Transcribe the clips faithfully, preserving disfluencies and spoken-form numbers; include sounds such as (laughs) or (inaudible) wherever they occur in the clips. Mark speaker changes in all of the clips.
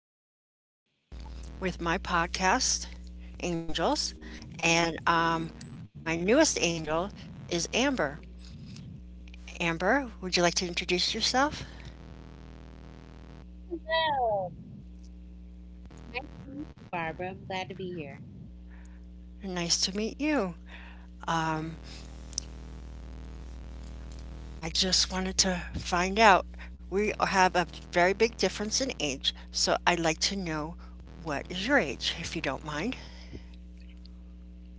Speaker 1: for another session with my podcast, Angels. And um, my newest angel is Amber. Amber, would you like to introduce yourself?
Speaker 2: Hello. Nice to meet you, Barbara. I'm glad to be here.
Speaker 1: Nice to meet you. Um, I just wanted to find out. We have a very big difference in age, so I'd like to know what is your age, if you don't mind.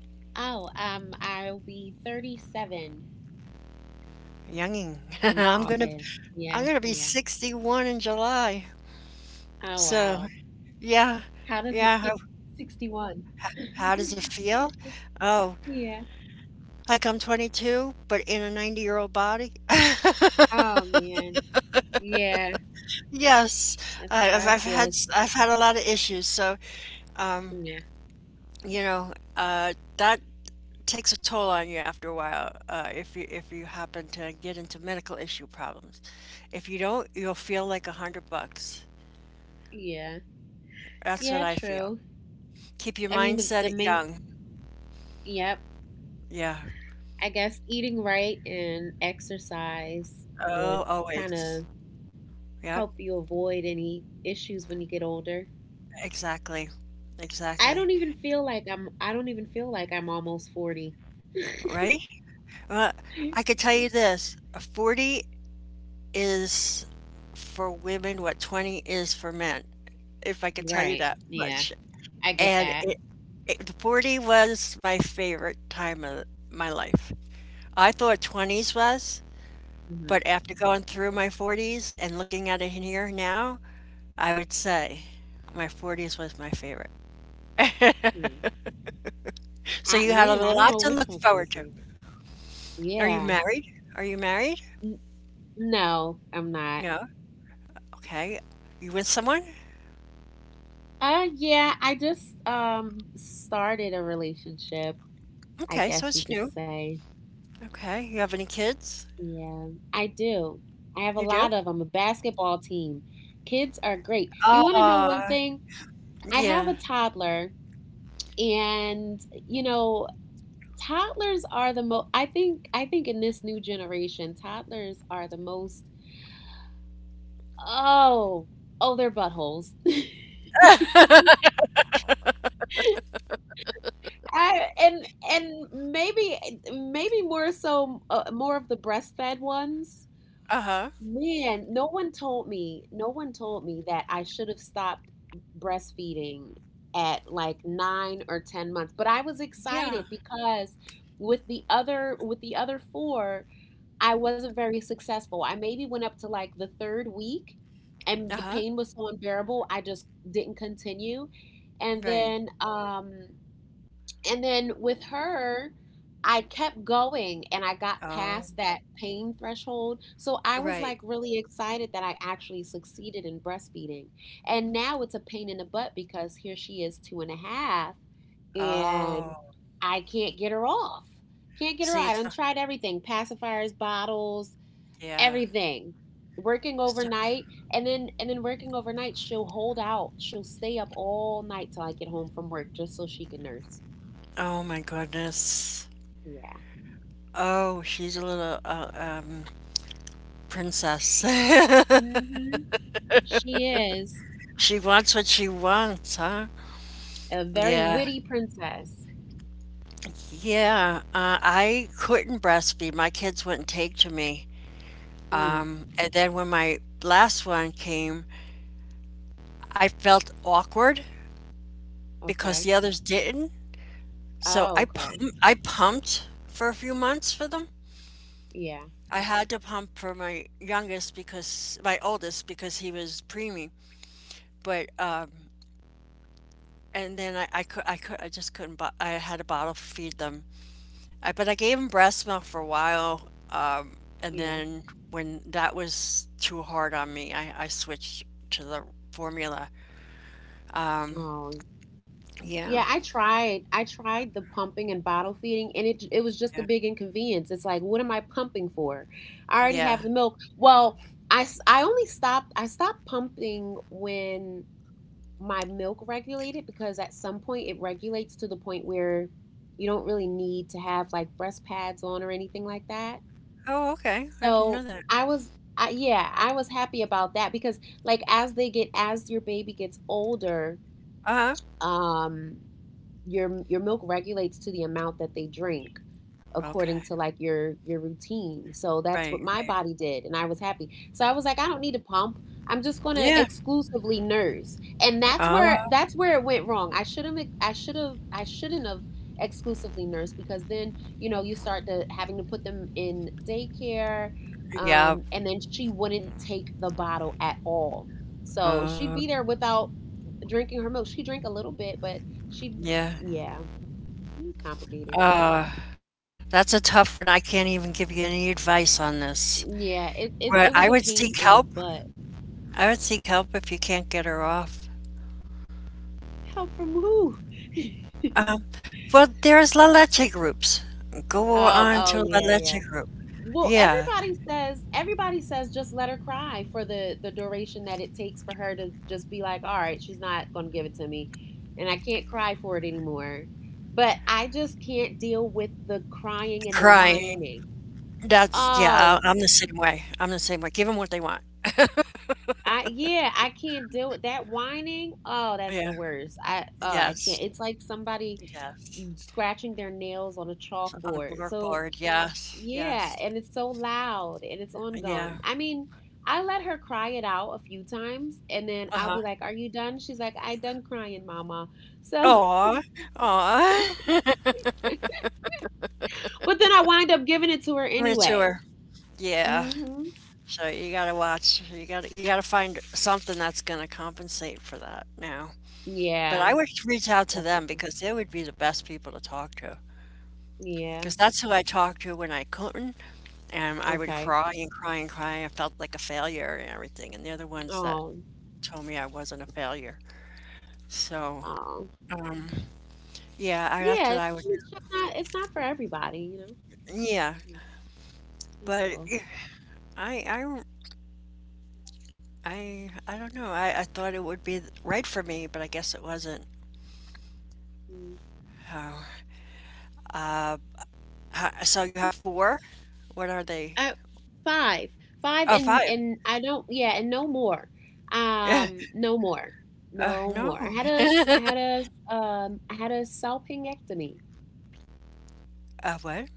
Speaker 2: Oh, um, I'll be thirty-seven
Speaker 1: Younging. (laughs)
Speaker 2: in
Speaker 1: I'm gonna
Speaker 2: August. Yeah,
Speaker 1: I'm gonna
Speaker 2: yeah.
Speaker 1: be sixty-one in July.
Speaker 2: Oh, wow.
Speaker 1: So yeah,
Speaker 2: How does it feel?
Speaker 1: yeah.
Speaker 2: sixty-one.
Speaker 1: How does
Speaker 2: (laughs)
Speaker 1: it feel? Oh,
Speaker 2: Yeah.
Speaker 1: like I'm twenty-two, but in a ninety-year-old body? (laughs)
Speaker 2: Oh, man. Yeah.
Speaker 1: Yes,
Speaker 2: That's how
Speaker 1: I-
Speaker 2: I
Speaker 1: I've I've
Speaker 2: feel.
Speaker 1: had
Speaker 2: It's-
Speaker 1: s- I've had a lot of issues, so um,
Speaker 2: Yeah.
Speaker 1: you know, uh, that takes a toll on you after a while, uh, if you if you happen to get into medical issue problems. If you don't, you'll feel like a hundred bucks.
Speaker 2: Yeah.
Speaker 1: That's
Speaker 2: Yeah,
Speaker 1: what I feel.
Speaker 2: true.
Speaker 1: Keep
Speaker 2: I
Speaker 1: your
Speaker 2: mean, the, the
Speaker 1: mindset at
Speaker 2: main,
Speaker 1: young.
Speaker 2: yep.
Speaker 1: Yeah.
Speaker 2: I guess eating right and exercise would
Speaker 1: Oh,
Speaker 2: kind of
Speaker 1: always.
Speaker 2: help
Speaker 1: Yep,
Speaker 2: you avoid any issues when you get older.
Speaker 1: exactly.
Speaker 2: I don't
Speaker 1: Exactly.
Speaker 2: even feel like I'm I don't even feel like I'm almost forty.
Speaker 1: Right? Uh, I could tell you this, forty is for women what twenty is for men, if I could tell you
Speaker 2: Right.
Speaker 1: that
Speaker 2: Yeah.
Speaker 1: much.
Speaker 2: I get
Speaker 1: And
Speaker 2: that.
Speaker 1: it, it the forty was my favorite time of my life. I thought twenties was,
Speaker 2: Mhm.
Speaker 1: but after going through my forties and looking at it here now, I would say my forties was my favorite.
Speaker 2: Hmm.
Speaker 1: (laughs)
Speaker 2: I
Speaker 1: So you had
Speaker 2: man,
Speaker 1: a
Speaker 2: I don't know
Speaker 1: lot
Speaker 2: which
Speaker 1: to
Speaker 2: one's
Speaker 1: look
Speaker 2: my
Speaker 1: forward to.
Speaker 2: favorite.
Speaker 1: Are
Speaker 2: Yeah.
Speaker 1: you married? Are you married?
Speaker 2: N- no, I'm not.
Speaker 1: No? Okay. You with someone?
Speaker 2: Uh yeah, I just um started a relationship, I
Speaker 1: Okay, so
Speaker 2: guess you
Speaker 1: it's
Speaker 2: could
Speaker 1: new.
Speaker 2: say.
Speaker 1: Okay, you have any kids?
Speaker 2: Yeah. I do. I have a
Speaker 1: You do?
Speaker 2: lot of them. A basketball team. Kids are great. You want to know one
Speaker 1: Ah,
Speaker 2: thing? I have
Speaker 1: yeah.
Speaker 2: a toddler, and you know toddlers are the most, i think i think in this new generation toddlers are the most— oh, oh, they're buttholes. (laughs) I, and and maybe maybe more so, uh, more of the breastfed ones.
Speaker 1: Uh-huh.
Speaker 2: Man, no one told me no one told me that I should have stopped breastfeeding at like nine or ten months, but I was excited
Speaker 1: Yeah.
Speaker 2: because with the other with the other four I wasn't very successful. I maybe went up to like the third week, and the
Speaker 1: Uh-huh.
Speaker 2: pain was so unbearable, I just didn't continue. And
Speaker 1: Right.
Speaker 2: then um and then with her, I kept going and I got
Speaker 1: Oh,
Speaker 2: past that pain threshold. So I was
Speaker 1: right.
Speaker 2: like really excited that I actually succeeded in breastfeeding. And now it's a pain in the butt because here she is two and a half, and
Speaker 1: Oh.
Speaker 2: I can't get her off. Can't get her
Speaker 1: See,
Speaker 2: off. I
Speaker 1: it's
Speaker 2: done
Speaker 1: a
Speaker 2: tried everything: pacifiers, bottles,
Speaker 1: yeah.
Speaker 2: everything. Working
Speaker 1: It's not,
Speaker 2: overnight, and then and then working overnight, she'll hold out, she'll stay up all night till I get home from work just so she can nurse.
Speaker 1: Oh my goodness.
Speaker 2: Yeah.
Speaker 1: Oh, she's a little uh, um princess. (laughs)
Speaker 2: Hmm. She is
Speaker 1: She wants what she wants, huh?
Speaker 2: a very
Speaker 1: Yeah.
Speaker 2: witty princess.
Speaker 1: Yeah. Uh, I couldn't breastfeed. My kids wouldn't take to me.
Speaker 2: Mm,
Speaker 1: And then when my last one came, I felt awkward because
Speaker 2: okay.
Speaker 1: the others didn't. So
Speaker 2: Oh,
Speaker 1: I pump,
Speaker 2: okay.
Speaker 1: I pumped for a few months for them.
Speaker 2: Yeah,
Speaker 1: I had to pump for my youngest because my oldest because he was preemie, but um, and then I, I could I could I just couldn't bo- I had to bottle feed them. I, but I gave them breast milk for a while, um, and
Speaker 2: yeah.
Speaker 1: then when that was too hard on me, I, I switched to the formula. Um,
Speaker 2: Oh.
Speaker 1: yeah,
Speaker 2: Yeah, I tried. I tried the pumping and bottle feeding, and it it was just a
Speaker 1: yeah,
Speaker 2: big inconvenience. It's like, what am I pumping for? I already
Speaker 1: yeah.
Speaker 2: have the milk. Well, I s- I only stopped. I stopped pumping when my milk regulated because at some point it regulates to the point where you don't really need to have like breast pads on or anything like that.
Speaker 1: Oh, okay. I didn't
Speaker 2: So
Speaker 1: know that.
Speaker 2: I was. I, yeah, I was happy about that because, like, as they get, as your baby gets older,
Speaker 1: Uh
Speaker 2: um, your your milk regulates to the amount that they drink
Speaker 1: huh. Okay.
Speaker 2: according to like your your routine. So that's what
Speaker 1: Right.
Speaker 2: my
Speaker 1: Right.
Speaker 2: body did and I was happy. So I was like, I don't need to pump. I'm just going
Speaker 1: Yeah,
Speaker 2: to exclusively nurse. And that's
Speaker 1: uh,
Speaker 2: where that's where it went wrong. I should have I should have I shouldn't have exclusively nursed because then, you know, you start to having to put them in daycare,
Speaker 1: yeah,
Speaker 2: um and then she wouldn't take the bottle at all. So she'd
Speaker 1: uh,
Speaker 2: be there without drinking her milk. She drank a little bit, but she—
Speaker 1: yeah,
Speaker 2: yeah, it was complicated.
Speaker 1: uh, that's a tough one. I can't even give you any advice on this.
Speaker 2: Yeah, it, it, it
Speaker 1: But
Speaker 2: was
Speaker 1: I
Speaker 2: a
Speaker 1: would
Speaker 2: pain
Speaker 1: seek
Speaker 2: in the
Speaker 1: help.
Speaker 2: butt.
Speaker 1: I would seek help if you can't get her off.
Speaker 2: Help from who? (laughs)
Speaker 1: Um, well, there's La Leche groups. Go
Speaker 2: Oh,
Speaker 1: on
Speaker 2: oh
Speaker 1: to La
Speaker 2: yeah, yeah.
Speaker 1: Leche group.
Speaker 2: Well,
Speaker 1: Yeah,
Speaker 2: everybody says everybody says just let her cry for the the duration that it takes for her to just be like, all right, she's not going to give it to me, and I can't cry for it anymore. But I just can't deal with the crying and the
Speaker 1: crying.
Speaker 2: whining.
Speaker 1: That's, yeah,
Speaker 2: Oh,
Speaker 1: I- I'm the same way. I'm the same way. Give them what they want. (laughs)
Speaker 2: I yeah, I can't deal with that whining. Oh, that's
Speaker 1: Yeah,
Speaker 2: the worst. I oh, I
Speaker 1: yes,
Speaker 2: can't. It's like somebody
Speaker 1: yes.
Speaker 2: scratching their nails on a
Speaker 1: On a
Speaker 2: chalkboard.
Speaker 1: work
Speaker 2: So,
Speaker 1: board, yes,
Speaker 2: yeah,
Speaker 1: yes,
Speaker 2: and it's so loud and it's
Speaker 1: yeah.
Speaker 2: ongoing. I mean, I let her cry it out a few times and then I'll
Speaker 1: Uh-huh.
Speaker 2: be like, are you done? She's like, I done crying, mama. So,
Speaker 1: Aw, aw. (laughs)
Speaker 2: (laughs) but then I wind up giving it to her
Speaker 1: Me
Speaker 2: anyway.
Speaker 1: Yeah.
Speaker 2: Mm-hmm.
Speaker 1: So you gotta watch. You gotta you gotta find something that's gonna compensate for that now. But
Speaker 2: Yeah,
Speaker 1: I would reach out to them
Speaker 2: definitely.
Speaker 1: because they would be the best people to talk to.
Speaker 2: Yeah.
Speaker 1: Because that's who I talked to when I couldn't, and I would
Speaker 2: Okay.
Speaker 1: cry and cry and cry. And I felt like a failure and everything. And they're the ones that
Speaker 2: Oh,
Speaker 1: told me I wasn't a failure. So
Speaker 2: oh.
Speaker 1: yeah, I, that's what
Speaker 2: Yeah.
Speaker 1: I would.
Speaker 2: It's just not, it's not for everybody, you know?
Speaker 1: Yeah,
Speaker 2: Mm, that's
Speaker 1: but
Speaker 2: all.
Speaker 1: I I I I don't know. I, I thought it would be th- right for me, but I guess it wasn't.
Speaker 2: Mm.
Speaker 1: Oh. Uh, ha- so you have four? What are they?
Speaker 2: uh, Five, five,
Speaker 1: Oh,
Speaker 2: and
Speaker 1: five. (laughs)
Speaker 2: and I don't, yeah, and no more,
Speaker 1: Eh,
Speaker 2: um, no more,
Speaker 1: Uh,
Speaker 2: no
Speaker 1: no.
Speaker 2: more. I had a, s- I
Speaker 1: (laughs)
Speaker 2: had a, s- um, I had a salpingectomy,
Speaker 1: Uh, what?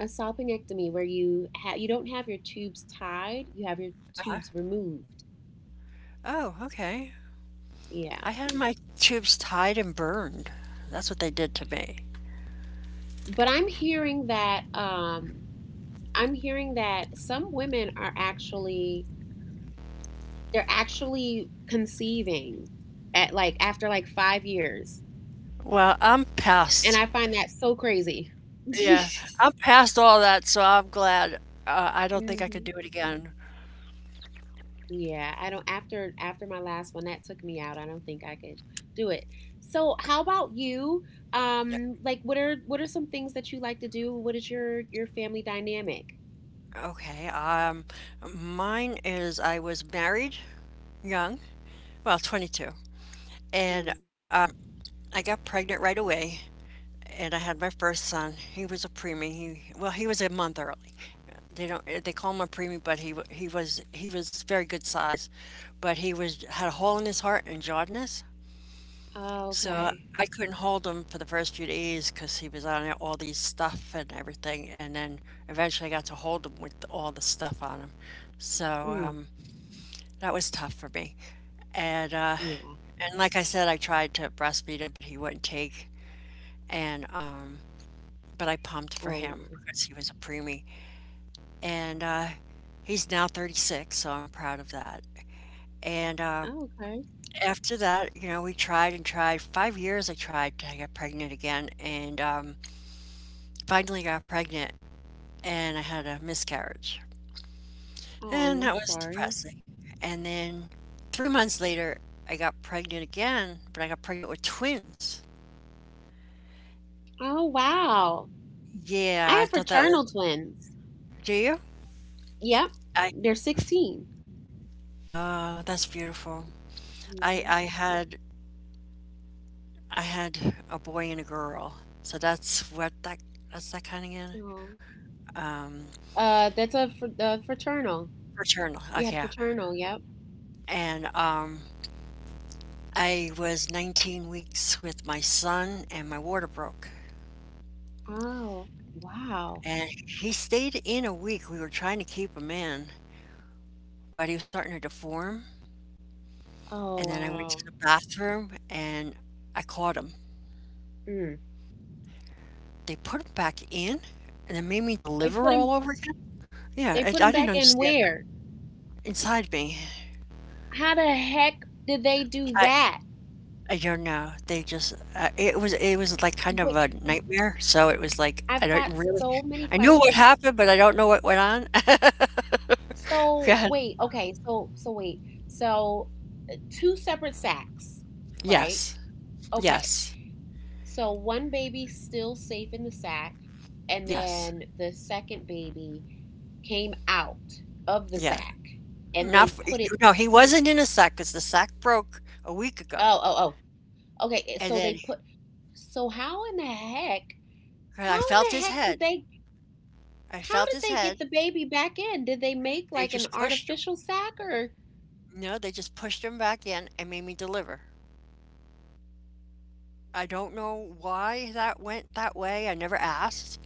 Speaker 2: a salpingectomy where you have you don't have your tubes tied, you have your
Speaker 1: Uh-huh.
Speaker 2: tubes removed.
Speaker 1: Oh, okay.
Speaker 2: Yeah,
Speaker 1: I had my tubes tied and burned. That's what they did to me.
Speaker 2: but I'm hearing that, um, I'm hearing that some women are actually they're actually conceiving at like after like five years.
Speaker 1: Well, I'm
Speaker 2: And
Speaker 1: past.
Speaker 2: I find that so crazy. (laughs)
Speaker 1: Yeah,
Speaker 2: Mm-hmm.
Speaker 1: I'm past all that, so I'm glad. Uh, I don't think I could do it again.
Speaker 2: Yeah, I don't— after after my last one that took me out. I don't think I could do it. So, how about you? Um like, what are what are some things that you like to do? What is your your family dynamic?
Speaker 1: Okay. Um, mine is I was married young. Well, twenty-two.
Speaker 2: Mm.
Speaker 1: And um, I got pregnant right away, and I had my first son. He was a preemie. He Well, he was a month early. They don't eh, They call him a preemie, but he he was he was very good size, but he was had a hole in his heart and jaundiced.
Speaker 2: Oh,
Speaker 1: So
Speaker 2: okay.
Speaker 1: I couldn't hold him for the first few days because he was on all these stuff and everything, and then eventually I got to hold him with all the stuff on him. So
Speaker 2: Mm.
Speaker 1: um, that was tough for me, and uh,
Speaker 2: Yeah.
Speaker 1: and like I said, I tried to breastfeed him, but he wouldn't take. And um, but I pumped for
Speaker 2: Oh
Speaker 1: him
Speaker 2: my.
Speaker 1: because he was a preemie, and uh, he's now thirty-six, so I'm proud of that. And uh,
Speaker 2: Oh, okay.
Speaker 1: after that, you know, we tried and tried. Five years I tried to get pregnant again, and um, finally got pregnant, and I had a miscarriage,
Speaker 2: Oh,
Speaker 1: and
Speaker 2: I'm
Speaker 1: that was
Speaker 2: sorry.
Speaker 1: depressing. And then three months later, I got pregnant again, but I got pregnant with twins.
Speaker 2: Oh, wow.
Speaker 1: Yeah,
Speaker 2: I
Speaker 1: I
Speaker 2: have
Speaker 1: thought that was.
Speaker 2: fraternal twins.
Speaker 1: Do you?
Speaker 2: Yep.
Speaker 1: I
Speaker 2: They're sixteen.
Speaker 1: Oh, that's beautiful. I
Speaker 2: Mm-hmm.
Speaker 1: I had I had a boy and a girl, so that's what that that's that kind again.
Speaker 2: Oh.
Speaker 1: Um,
Speaker 2: Uh, that's a fr- uh, fraternal.
Speaker 1: Fraternal.
Speaker 2: You had
Speaker 1: Okay,
Speaker 2: fraternal, yep.
Speaker 1: and um, I was nineteen weeks with my son, and my water broke,
Speaker 2: Oh, wow.
Speaker 1: and he stayed in a week. We were trying to keep him in, but he was starting to deform. And
Speaker 2: Oh,
Speaker 1: then I went
Speaker 2: wow.
Speaker 1: to the bathroom and I caught him.
Speaker 2: Mm.
Speaker 1: They put him back in, and it made me
Speaker 2: They put
Speaker 1: deliver
Speaker 2: him.
Speaker 1: all over again. Yeah,
Speaker 2: They put
Speaker 1: I,
Speaker 2: him
Speaker 1: I didn't
Speaker 2: back in
Speaker 1: understand that
Speaker 2: where?
Speaker 1: inside me.
Speaker 2: How the heck did they do
Speaker 1: I
Speaker 2: that?
Speaker 1: I don't know, they just uh, it was it was, like, kind of
Speaker 2: Wait,
Speaker 1: a nightmare, so it was like, I
Speaker 2: I've
Speaker 1: don't
Speaker 2: got
Speaker 1: really
Speaker 2: so many
Speaker 1: I knew what
Speaker 2: questions.
Speaker 1: happened, but I don't know what went on. (laughs)
Speaker 2: So
Speaker 1: God,
Speaker 2: wait, okay. So so wait. So two separate sacks, right?
Speaker 1: yes,
Speaker 2: Okay.
Speaker 1: yes,
Speaker 2: So one baby still safe in the sack, and
Speaker 1: yes,
Speaker 2: then the second baby came out of the
Speaker 1: yeah,
Speaker 2: sack, and
Speaker 1: not
Speaker 2: they
Speaker 1: f
Speaker 2: put it.
Speaker 1: no, he wasn't in a sack 'cause the sack broke a week ago,
Speaker 2: Oh, oh, oh. Okay, eh,
Speaker 1: and
Speaker 2: so they
Speaker 1: then
Speaker 2: put so how in the heck, how
Speaker 1: I
Speaker 2: in
Speaker 1: felt
Speaker 2: the
Speaker 1: his
Speaker 2: heck did
Speaker 1: head,
Speaker 2: they
Speaker 1: I
Speaker 2: how
Speaker 1: felt
Speaker 2: did
Speaker 1: his
Speaker 2: they get
Speaker 1: head,
Speaker 2: the baby back in? Did they make
Speaker 1: they
Speaker 2: like an
Speaker 1: just pushed him.
Speaker 2: artificial sac, or—
Speaker 1: No, they just pushed him back in and made me deliver. I don't know why that went that way, I never asked.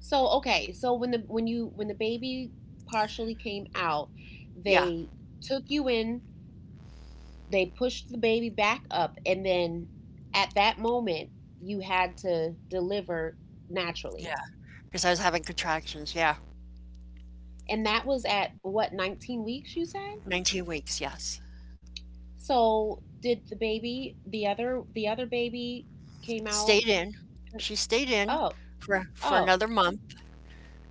Speaker 2: so okay, so when the when you when the baby partially came out,
Speaker 1: Yeah.
Speaker 2: they took you in, they pushed the baby back up, and then at that moment you had to deliver naturally.
Speaker 1: Yeah, because I was having contractions, yeah.
Speaker 2: And that was at what, nineteen weeks you said?
Speaker 1: nineteen weeks, yes.
Speaker 2: So did the baby, the other the other baby came out?
Speaker 1: Stayed in. She stayed
Speaker 2: uh,
Speaker 1: in
Speaker 2: Oh,
Speaker 1: for for
Speaker 2: oh,
Speaker 1: another month,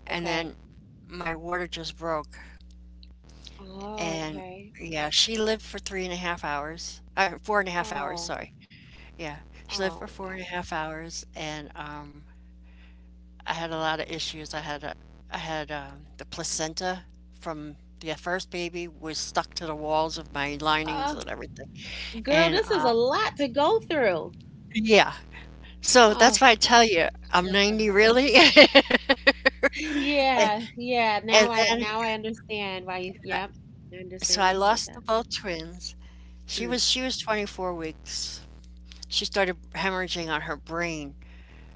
Speaker 1: and
Speaker 2: okay.
Speaker 1: then my water just broke.
Speaker 2: Oh,
Speaker 1: And
Speaker 2: okay.
Speaker 1: yeah, she lived for three and a half hours. I Four and a half hours,
Speaker 2: Oh,
Speaker 1: sorry. Yeah, she lived for
Speaker 2: oh,
Speaker 1: four
Speaker 2: wow.
Speaker 1: and a half hours, and, um, I had a lot of issues. I had a I had, um, the placenta from the first baby was stuck to the walls of my linings
Speaker 2: Oh,
Speaker 1: and everything.
Speaker 2: girl,
Speaker 1: And,
Speaker 2: this is
Speaker 1: um
Speaker 2: a lot to go through.
Speaker 1: Yeah. So that's
Speaker 2: Oh,
Speaker 1: why I tell you, I'm
Speaker 2: bless your
Speaker 1: ninety
Speaker 2: heart. (laughs)
Speaker 1: really. (laughs) And,
Speaker 2: Yeah, yeah.
Speaker 1: and
Speaker 2: Now I
Speaker 1: then,
Speaker 2: now I understand why you—
Speaker 1: uh,
Speaker 2: yep. I
Speaker 1: so
Speaker 2: understand why
Speaker 1: I
Speaker 2: you said
Speaker 1: lost the
Speaker 2: that.
Speaker 1: both twins. She
Speaker 2: Mm.
Speaker 1: was she was twenty-four weeks. She started hemorrhaging on her brain.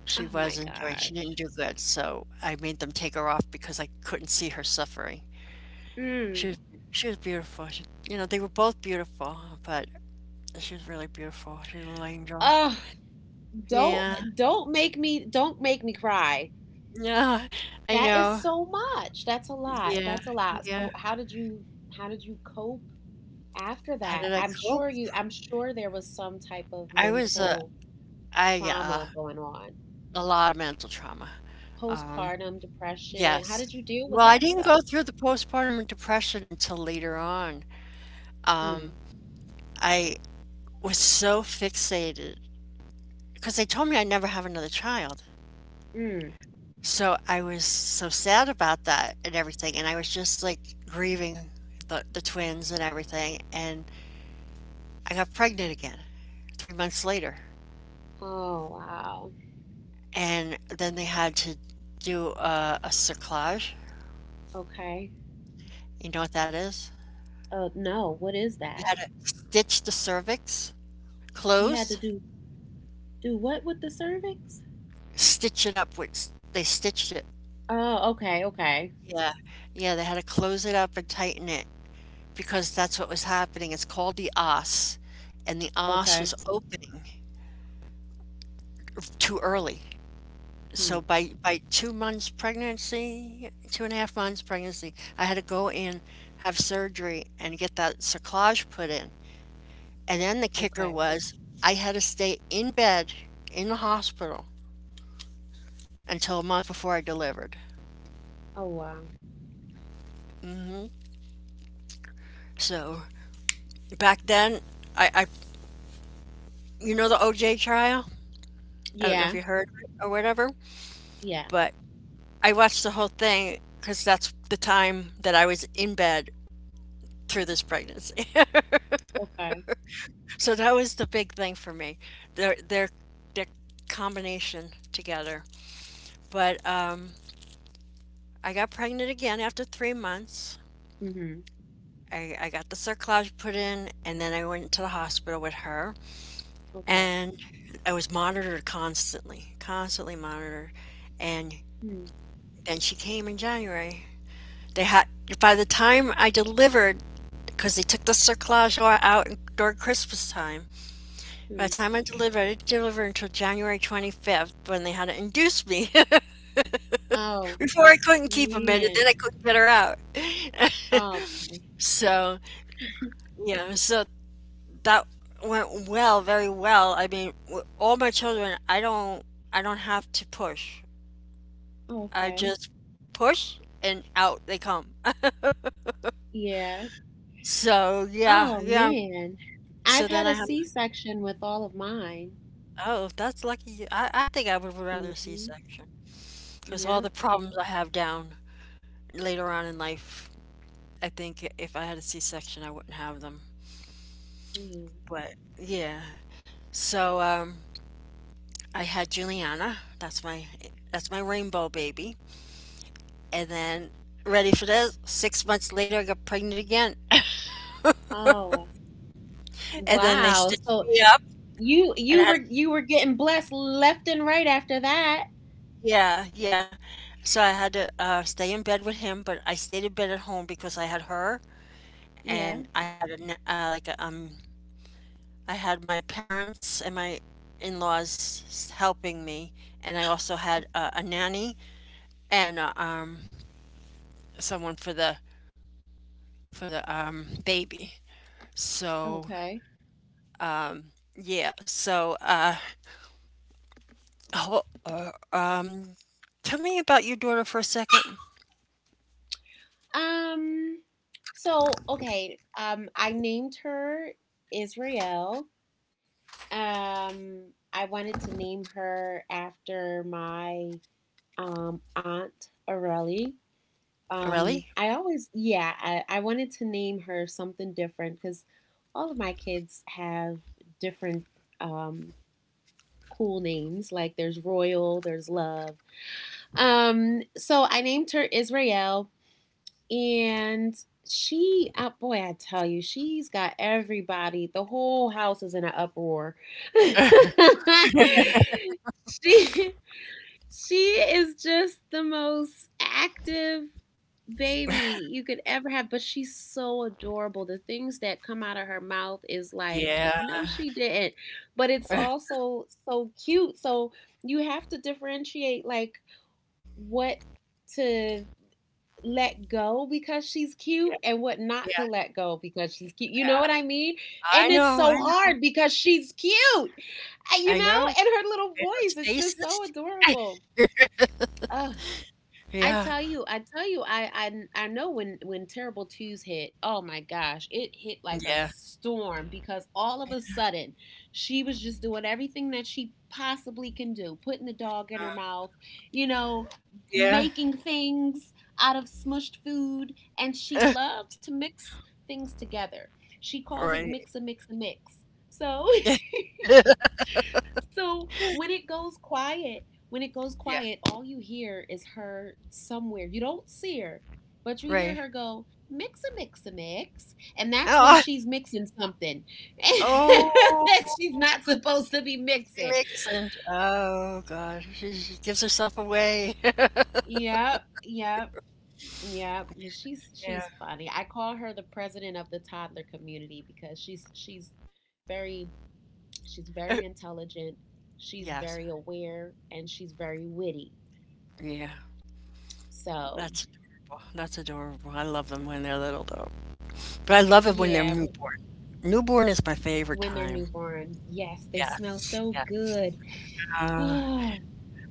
Speaker 1: She
Speaker 2: Oh my
Speaker 1: wasn't doing, She didn't
Speaker 2: gosh.
Speaker 1: do good. So I made them take her off because I couldn't see her suffering.
Speaker 2: Mm.
Speaker 1: She was, she was beautiful. She, you know, they were both beautiful, but she was really beautiful. She was a little angel.
Speaker 2: Oh, don't,
Speaker 1: Yeah.
Speaker 2: don't make me don't make me cry.
Speaker 1: No, I
Speaker 2: That is
Speaker 1: know.
Speaker 2: so much. That's a lot.
Speaker 1: Yeah.
Speaker 2: That's a lot.
Speaker 1: Yeah.
Speaker 2: So how did you how did you cope after
Speaker 1: How
Speaker 2: that?
Speaker 1: did I
Speaker 2: I'm
Speaker 1: cope?
Speaker 2: sure you I'm sure there was some type of
Speaker 1: I was a
Speaker 2: mental
Speaker 1: I Yeah,
Speaker 2: trauma going on.
Speaker 1: a lot of mental trauma. Um,
Speaker 2: Postpartum depression. How
Speaker 1: yes.
Speaker 2: did you deal
Speaker 1: Well,
Speaker 2: with
Speaker 1: I
Speaker 2: that
Speaker 1: didn't go
Speaker 2: stuff?
Speaker 1: through the postpartum depression until later on.
Speaker 2: Mm.
Speaker 1: Um, I was so fixated because they told me I'd never have another child.
Speaker 2: Mm.
Speaker 1: So I was so sad about that and everything, and I was just like grieving the, the twins and everything. And I got pregnant again three months later.
Speaker 2: Oh, wow.
Speaker 1: And then they had to do a, a cerclage.
Speaker 2: Okay.
Speaker 1: You know what that is?
Speaker 2: Uh no, what is
Speaker 1: They had
Speaker 2: that?
Speaker 1: to stitch the cervix
Speaker 2: You had
Speaker 1: closed,
Speaker 2: to do do what with the cervix?
Speaker 1: stitch it up, which they stitched it.
Speaker 2: Oh, okay, okay.
Speaker 1: Yeah. Yeah, they had to close it up and tighten it because that's what was happening. It's called the os, and the os was
Speaker 2: Okay.
Speaker 1: opening too early. So
Speaker 2: Hmm.
Speaker 1: by by two months pregnancy, two and a half months pregnancy, I had to go in, have surgery, and get that cerclage put in. And then the kicker
Speaker 2: Okay.
Speaker 1: was I had to stay in bed in the hospital until a month before I delivered.
Speaker 2: Oh, wow.
Speaker 1: Mhm. So, back then, I, I you know the O J trial? I don't know
Speaker 2: Yeah.
Speaker 1: if you heard of it or whatever,
Speaker 2: Yeah.
Speaker 1: but I watched the whole thing because that's the time that I was in bed through this pregnancy. (laughs)
Speaker 2: Okay.
Speaker 1: So that was the big thing for me. Their their their combination together. But um, I got pregnant again after three months.
Speaker 2: Mhm.
Speaker 1: I, I got the cerclage put in, and then I went to the hospital with her.
Speaker 2: Okay.
Speaker 1: And I was monitored constantly, constantly monitored. And
Speaker 2: Mm-hmm.
Speaker 1: then she came in January. They had By the time I delivered, because they took the cerclage out during Christmas time. By the time I delivered, I didn't deliver until January twenty-fifth when they had to induce me. (laughs)
Speaker 2: Oh
Speaker 1: Before I couldn't keep a minute, then
Speaker 2: man.
Speaker 1: I couldn't get her out.
Speaker 2: Okay.
Speaker 1: (laughs) So, you know, so that went well, very well. I mean, w- all my children, I don't I don't have to push. I
Speaker 2: Okay.
Speaker 1: just push and out they come. (laughs)
Speaker 2: Yeah.
Speaker 1: So yeah,
Speaker 2: Oh
Speaker 1: yeah.
Speaker 2: man. I've
Speaker 1: So
Speaker 2: had
Speaker 1: then
Speaker 2: a
Speaker 1: I have
Speaker 2: C-section with all of mine.
Speaker 1: oh that's lucky. you- I I think I would rather C
Speaker 2: Mm-hmm.
Speaker 1: section because all
Speaker 2: Yep.
Speaker 1: the problems I have down later on in life. I think if I had a C section I wouldn't have them.
Speaker 2: Mm.
Speaker 1: But yeah. So um, I had Juliana. That's my that's my rainbow baby. And then ready for this? Six months later, I got pregnant again. (coughs)
Speaker 2: Oh
Speaker 1: (laughs) And then they
Speaker 2: wow.
Speaker 1: stitched
Speaker 2: So
Speaker 1: me up,
Speaker 2: you
Speaker 1: and I
Speaker 2: you
Speaker 1: had
Speaker 2: were you were getting blessed left and right after that.
Speaker 1: yeah, yeah. So I had to uh, stay in bed with him, but I stayed in bed at home because I had her,
Speaker 2: Yeah.
Speaker 1: and I had a, na- uh, like a, um, I had my parents and my in-laws s- helping me, and I also
Speaker 2: O-
Speaker 1: had uh, a nanny and uh, um, someone for the for the um, baby. So
Speaker 2: Okay.
Speaker 1: yeah, so uh, oh, tell me about your daughter for a second.
Speaker 2: Um. So okay. Um. I named her Israel. Um, I wanted to name her after my um, aunt Aurelie. Um,
Speaker 1: Really?
Speaker 2: I always, yeah, I, I wanted to name her something different because all of my kids have different, um, cool names. Like there's Royal, there's Love. Um, so I named her Israel, and she oh boy, I tell you, she's got everybody— the whole house is in an uproar. (laughs) she she is just the most active baby you could ever have. But she's so adorable. The things that come out of her mouth is like,
Speaker 1: Yeah.
Speaker 2: no, she didn't. But it's
Speaker 1: (laughs) Yeah.
Speaker 2: also so cute. So you have to differentiate like what to let go because she's cute and what not
Speaker 1: Yeah.
Speaker 2: to let go because she's cute. You know
Speaker 1: Yeah.
Speaker 2: what I mean?
Speaker 1: I
Speaker 2: And it's
Speaker 1: know. I
Speaker 2: so
Speaker 1: know.
Speaker 2: hard because she's cute, uh, you
Speaker 1: I
Speaker 2: know,
Speaker 1: know.
Speaker 2: and her little voice, it's just so
Speaker 1: Stasis?
Speaker 2: adorable.
Speaker 1: (laughs)
Speaker 2: Oh, I
Speaker 1: Yeah.
Speaker 2: tell you, I tell you, I I I know when when Terrible Twos hit. Oh my gosh, it hit like a
Speaker 1: Yeah.
Speaker 2: storm because all of a sudden she was just doing everything that she possibly can do, putting the dog in her
Speaker 1: Uh,
Speaker 2: mouth, you know,
Speaker 1: yeah.
Speaker 2: making things out of smushed food, and she
Speaker 1: Uh,
Speaker 2: loves to mix things together. She calls it
Speaker 1: right.
Speaker 2: mix a mix a mix. So (laughs)
Speaker 1: (laughs)
Speaker 2: so when it goes quiet, when it goes
Speaker 1: Yeah.
Speaker 2: quiet, all you hear is her somewhere. You don't see her, but you hear
Speaker 1: Right.
Speaker 2: her go, mix a mix a mix. And that's when
Speaker 1: Oh,
Speaker 2: she's mixing something (laughs) that she's
Speaker 1: oh,
Speaker 2: not supposed to be
Speaker 1: she
Speaker 2: mixing.
Speaker 1: makes and oh god, she, she gives herself away. (laughs)
Speaker 2: Yep, yep, yep. She's
Speaker 1: Yeah.
Speaker 2: she's funny. I call her the president of the toddler community because she's she's very she's
Speaker 1: Uh,
Speaker 2: very intelligent, she's
Speaker 1: yes.
Speaker 2: very aware, and she's very witty.
Speaker 1: Yeah.
Speaker 2: So,
Speaker 1: That's adorable. That's adorable. I love them when they're little though. But I love it when they're
Speaker 2: yeah, w-
Speaker 1: newborn. Newborn is my favorite
Speaker 2: when they're
Speaker 1: time.
Speaker 2: newborn. Yes, they smell
Speaker 1: Yes.
Speaker 2: so
Speaker 1: Yes.
Speaker 2: good.
Speaker 1: Uh,
Speaker 2: Oh,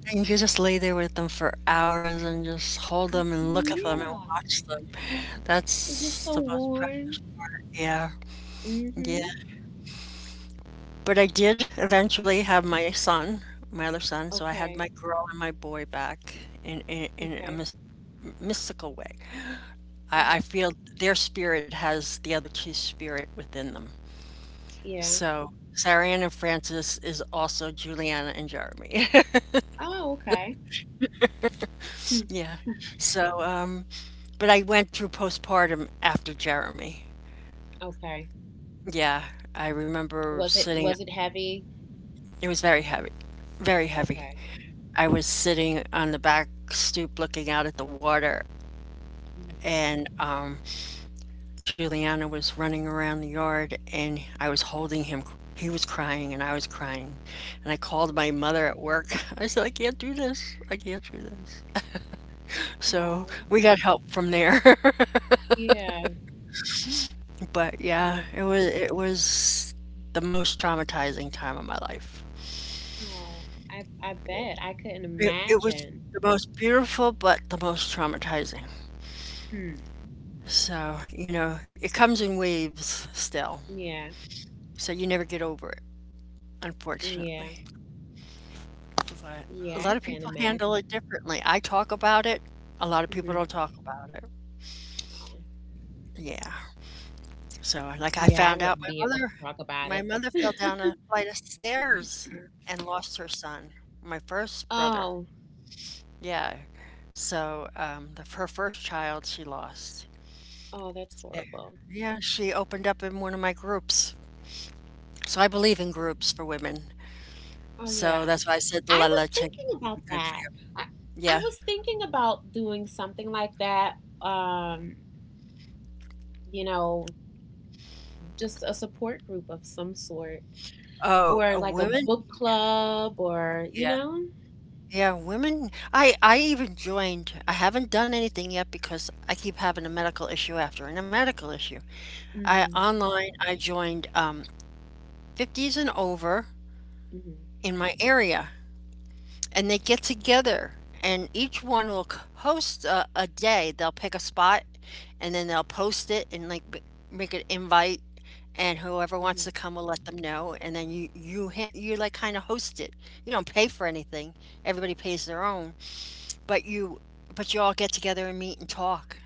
Speaker 1: and you could just lay there with them for hours and just hold them and look at them and
Speaker 2: yeah.
Speaker 1: watch them.
Speaker 2: They're just
Speaker 1: That's
Speaker 2: so
Speaker 1: the most precious
Speaker 2: warm.
Speaker 1: part. Yeah, yeah.
Speaker 2: Mm-hmm.
Speaker 1: But I did eventually have my son, my other son, so I had
Speaker 2: Okay.
Speaker 1: my girl and my boy back in in, in a
Speaker 2: Okay.
Speaker 1: mys- mystical way. I, I
Speaker 2: uh
Speaker 1: feel their spirit has the other two's spirit within them.
Speaker 2: Yeah.
Speaker 1: So Sarianne and Francis is also Juliana and Jeremy.
Speaker 2: Oh, okay. Hmm.
Speaker 1: (laughs) Yeah.
Speaker 2: (laughs)
Speaker 1: So, um, but I went through postpartum after Jeremy.
Speaker 2: Okay.
Speaker 1: Yeah, I remember
Speaker 2: Was it
Speaker 1: sitting,
Speaker 2: was it heavy?
Speaker 1: it was very heavy, very heavy.
Speaker 2: Okay.
Speaker 1: I was sitting on the back stoop looking out at the water,
Speaker 2: Mm.
Speaker 1: and um, Juliana was running around the yard, and I was holding him. He was crying, and I was crying. And I called my
Speaker 2: Oh.
Speaker 1: mother at work. (laughs) I said, I can't do this. I can't do this. So
Speaker 2: Oh.
Speaker 1: we got help from there. (laughs)
Speaker 2: Yeah.
Speaker 1: But
Speaker 2: Hmm.
Speaker 1: yeah, it was it was the most traumatizing time of my life.
Speaker 2: Oh. I I bet I couldn't
Speaker 1: It it was
Speaker 2: imagine.
Speaker 1: the most beautiful, but the most traumatizing.
Speaker 2: Hmm.
Speaker 1: So, you know, it comes in waves still.
Speaker 2: Yeah.
Speaker 1: So you never get over it,
Speaker 2: Yeah.
Speaker 1: unfortunately. But a
Speaker 2: Yeah,
Speaker 1: lot
Speaker 2: I
Speaker 1: of
Speaker 2: can't
Speaker 1: people
Speaker 2: imagine.
Speaker 1: handle it differently. I talk about it. A lot of people
Speaker 2: Mm-hmm.
Speaker 1: don't talk about it.
Speaker 2: Oh.
Speaker 1: Yeah. So, like I
Speaker 2: Yeah, I
Speaker 1: found out
Speaker 2: wouldn't
Speaker 1: my
Speaker 2: be able
Speaker 1: mother
Speaker 2: to talk about
Speaker 1: my
Speaker 2: it.
Speaker 1: mother
Speaker 2: (laughs)
Speaker 1: fell down a flight of stairs and lost her son, my first brother.
Speaker 2: Oh,
Speaker 1: Yeah. So, um, the, her first child she lost.
Speaker 2: oh, that's
Speaker 1: Eh,
Speaker 2: horrible.
Speaker 1: yeah, she opened up in one of my groups. So I believe in
Speaker 2: Mm.
Speaker 1: groups for women.
Speaker 2: Oh, yeah.
Speaker 1: So that's why I said the
Speaker 2: I
Speaker 1: La La
Speaker 2: was
Speaker 1: Chain group
Speaker 2: thinking
Speaker 1: would be
Speaker 2: about
Speaker 1: good for
Speaker 2: that.
Speaker 1: you.
Speaker 2: I, I
Speaker 1: Yeah.
Speaker 2: was thinking about doing something like that. Um, you know, just a support group of some sort,
Speaker 1: Oh,
Speaker 2: or
Speaker 1: uh,
Speaker 2: like a
Speaker 1: women?
Speaker 2: book club, or you
Speaker 1: Yeah.
Speaker 2: know.
Speaker 1: Yeah, women. I I even joined. I haven't done anything yet because I keep having a medical issue after and a medical issue. I
Speaker 2: Mhm.
Speaker 1: online I joined um fifties and over
Speaker 2: Mhm.
Speaker 1: in my area and they get together and each one will c- host a, a day. They'll pick a spot and then they'll post it and like b- make an invite and whoever wants to
Speaker 2: Mhm.
Speaker 1: come will let them know, and then you you ha- you like kind of host it. You don't pay for anything, everybody pays their own, but you but you all get together and meet and talk.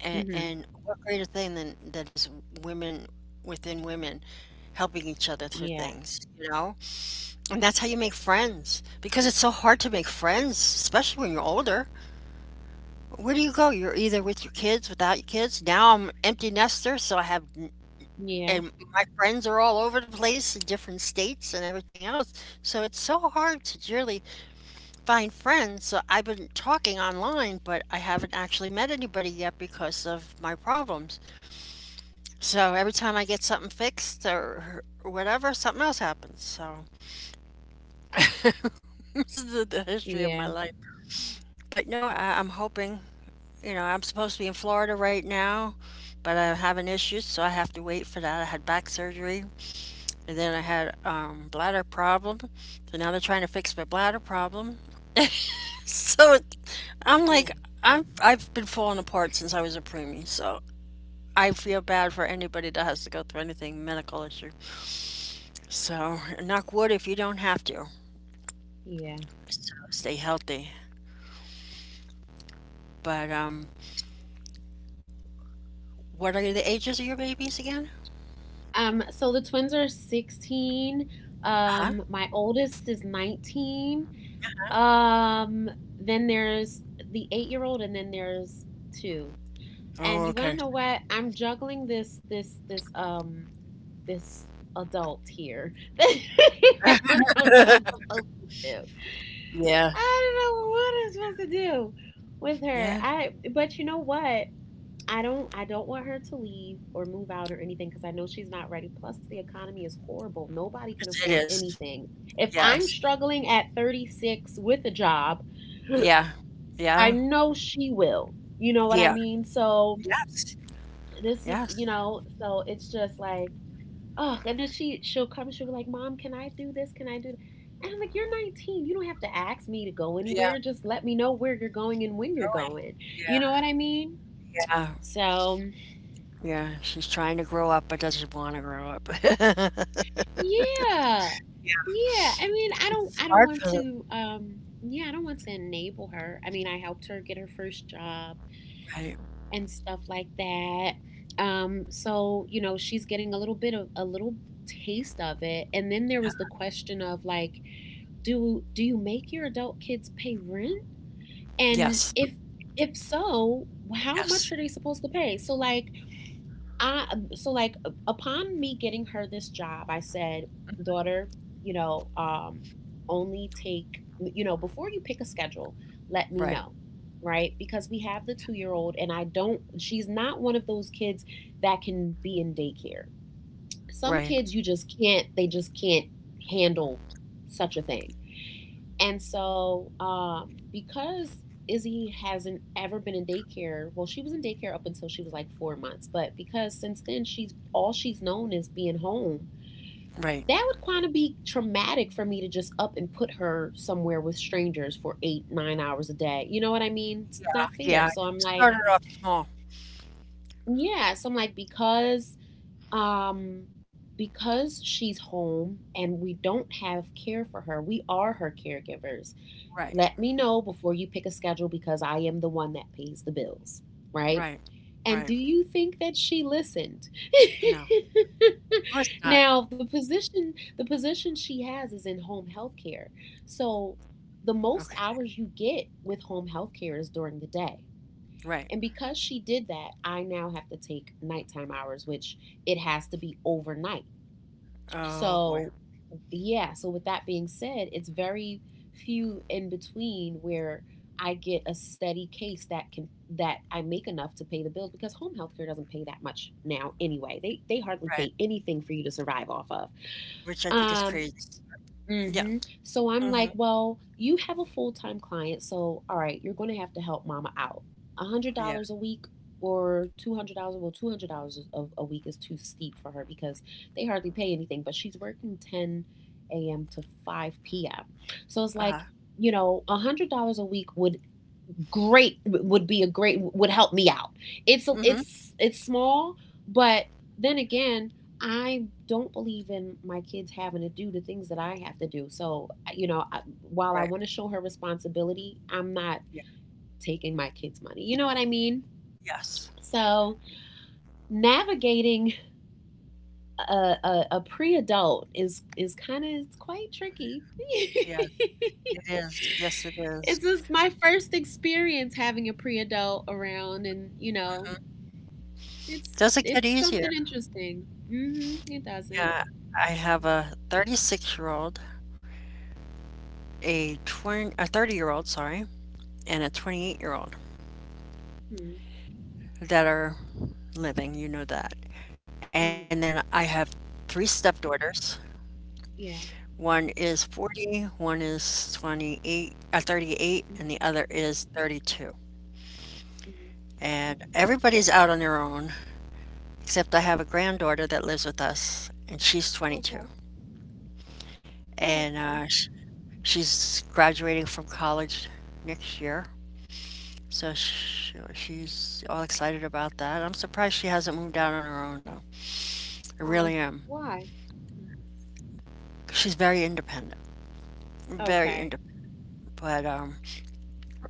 Speaker 1: and,
Speaker 2: Mhm.
Speaker 1: And what greater thing than that is women within women helping each other through
Speaker 2: Yeah.
Speaker 1: things, you know. And that's how you make friends, because it's so hard to make friends, especially when you're older. Where do you go? You're either with your kids, without your kids. Now I'm empty nester, so I have,
Speaker 2: Yeah.
Speaker 1: and my friends are all over the place in different states and everything else. So it's so hard to really find friends. So I've been talking online, but I haven't actually met anybody yet because of my problems. So every time I get something fixed or whatever, something else happens. So (laughs) this is the, the history of my
Speaker 2: Yeah.
Speaker 1: life. But no, I, I'm hoping. You know, I'm supposed to be in Florida right now, but I'm having issues, so I have to wait for that. I had back surgery, and then I had um, bladder problem, so now they're trying to fix my bladder problem. (laughs) So it- I'm
Speaker 2: Yeah.
Speaker 1: like, I'm I've been falling apart since I was a preemie, so I feel bad for anybody that has to go through anything medical issue. So knock wood if you don't have to.
Speaker 2: Yeah.
Speaker 1: So stay healthy. But um, What are the ages of your babies again?
Speaker 2: Um, so the twins are sixteen.
Speaker 1: Uh huh.
Speaker 2: Um, my oldest is nineteen. Um, then there's the eight-year-old and then there's two. And
Speaker 1: Oh,
Speaker 2: you want to
Speaker 1: okay.
Speaker 2: know what? I'm juggling this this this um this adult here. (laughs) I don't know what I'm supposed to do.
Speaker 1: (laughs) Yeah.
Speaker 2: I don't know what I'm supposed to do with her.
Speaker 1: Yeah.
Speaker 2: I But you know what? I don't I don't want her to leave or move out or anything because I know she's not ready. Plus the economy is horrible. Nobody can
Speaker 1: Yes, it
Speaker 2: afford
Speaker 1: is.
Speaker 2: anything. If I'm
Speaker 1: Yes.
Speaker 2: struggling at thirty-six with a job,
Speaker 1: Yeah.
Speaker 2: I
Speaker 1: Yeah.
Speaker 2: know she will. You know what I
Speaker 1: Yeah.
Speaker 2: mean? So
Speaker 1: Yes.
Speaker 2: this is,
Speaker 1: Yes.
Speaker 2: you know, so it's just like, oh, and then she she'll come, she'll be like, "Mom, can I do this? Can I do th-" And I'm like, you're nineteen. You don't have to ask me to go
Speaker 1: Yeah.
Speaker 2: anywhere. Just let me know where you're going and when you're
Speaker 1: Going.
Speaker 2: going.
Speaker 1: Yeah.
Speaker 2: You know what I mean?
Speaker 1: Yeah.
Speaker 2: So
Speaker 1: Yeah. She's trying to grow up but doesn't want to grow up. (laughs)
Speaker 2: yeah.
Speaker 1: Yeah.
Speaker 2: Yeah. I mean, I don't
Speaker 1: It's
Speaker 2: I don't
Speaker 1: hard
Speaker 2: want
Speaker 1: for them,
Speaker 2: to um yeah, I don't want to enable her. I mean, I helped her get her first job
Speaker 1: right?
Speaker 2: and stuff like that. Um so, you know, she's getting a little bit of a little taste of it. And then there was the question of like, do do you make your adult kids pay rent? And
Speaker 1: Yes.
Speaker 2: if if so, how much
Speaker 1: Yes.
Speaker 2: are they supposed to pay? So like I so like upon me getting her this job, I said, daughter, you know, um, only take you know before you pick a schedule, let me
Speaker 1: Right.
Speaker 2: know, right? Because we have the two year old, and I don't. She's not one of those kids that can be in daycare. Some
Speaker 1: Right.
Speaker 2: kids you just can't. They just can't handle such a thing. And so, um, because Izzy hasn't ever been in daycare, well, she was in daycare up until she was like four months, but because since then she's all she's known is being home,
Speaker 1: Right.
Speaker 2: that would kind of be traumatic for me to just up and put her somewhere with strangers for eight, nine hours a day. You know what I mean? It's not
Speaker 1: Yeah.
Speaker 2: fair. So
Speaker 1: It
Speaker 2: I'm like,
Speaker 1: started off small.
Speaker 2: yeah. So I'm like, because um because she's home and we don't have care for her, we are her caregivers.
Speaker 1: Right.
Speaker 2: Let me know before you pick a schedule because I am the one that pays the bills, right?
Speaker 1: Right.
Speaker 2: And do
Speaker 1: Right.
Speaker 2: you think that she listened?
Speaker 1: No. Of course
Speaker 2: (laughs)
Speaker 1: not.
Speaker 2: Now, the position the position she has is in home health care. So, the most
Speaker 1: Okay.
Speaker 2: hours you get with home health care is during the day.
Speaker 1: Right.
Speaker 2: And because she did that, I now have to take nighttime hours, which it has to be overnight.
Speaker 1: Oh boy.
Speaker 2: So, yeah, so with that being said, it's very few in between where I get a steady case that can that I make enough to pay the bills, because home health care doesn't pay that much now anyway. They they hardly pay
Speaker 1: Right.
Speaker 2: anything for you to survive off of.
Speaker 1: Which I think is
Speaker 2: Um.
Speaker 1: crazy. Yeah.
Speaker 2: Mm-hmm. So I'm like,
Speaker 1: Hmm.
Speaker 2: well, you have a full time client, so all right, you're going to have to help mama out. A hundred
Speaker 1: Yeah.
Speaker 2: dollars a week or two hundred dollars. Well, two hundred dollars a, a week is too steep for her because they hardly pay anything. But she's working ten a m to five p m. So it's like,
Speaker 1: Uh-huh.
Speaker 2: you know, a hundred dollars a week would great would be a great would help me out. It's a,
Speaker 1: Hmm.
Speaker 2: it's it's small, but then again, I don't believe in my kids having to do the things that I have to do. So, you know, I, while I
Speaker 1: Right.
Speaker 2: want to show her responsibility, I'm not
Speaker 1: Yeah.
Speaker 2: taking my kids' money. You know what I mean?
Speaker 1: Yes.
Speaker 2: So, navigating a, a, a pre-adult is is kind of it's quite tricky.
Speaker 1: Yes,
Speaker 2: (laughs)
Speaker 1: it is. Yes, it
Speaker 2: It's
Speaker 1: is.
Speaker 2: just my first experience having a pre-adult around, and you know,
Speaker 1: Mhm.
Speaker 2: it's
Speaker 1: Doesn't get
Speaker 2: it's something
Speaker 1: easier.
Speaker 2: interesting. Hmm. It doesn't.
Speaker 1: Yeah, I have a thirty-six-year-old, a twenty, a thirty-year-old, sorry, and a twenty-eight-year-old
Speaker 2: Hmm.
Speaker 1: that are living, you know that. And then
Speaker 2: Hmm.
Speaker 1: I have three stepdaughters.
Speaker 2: Yeah.
Speaker 1: One is forty, one is twenty-eight, uh, thirty-eight, and
Speaker 2: Hmm.
Speaker 1: the other is thirty-two.
Speaker 2: Hmm.
Speaker 1: And everybody's out on their own, except I have a granddaughter that lives with us, and she's twenty-two.
Speaker 2: Okay. Oh,
Speaker 1: And
Speaker 2: okay.
Speaker 1: uh, sh She's graduating from college next year, so sh she's all excited about that. I'm surprised she hasn't moved out on her own though. I really
Speaker 2: Oh,
Speaker 1: am.
Speaker 2: why?
Speaker 1: She's very independent, very
Speaker 2: Okay.
Speaker 1: independent, but um,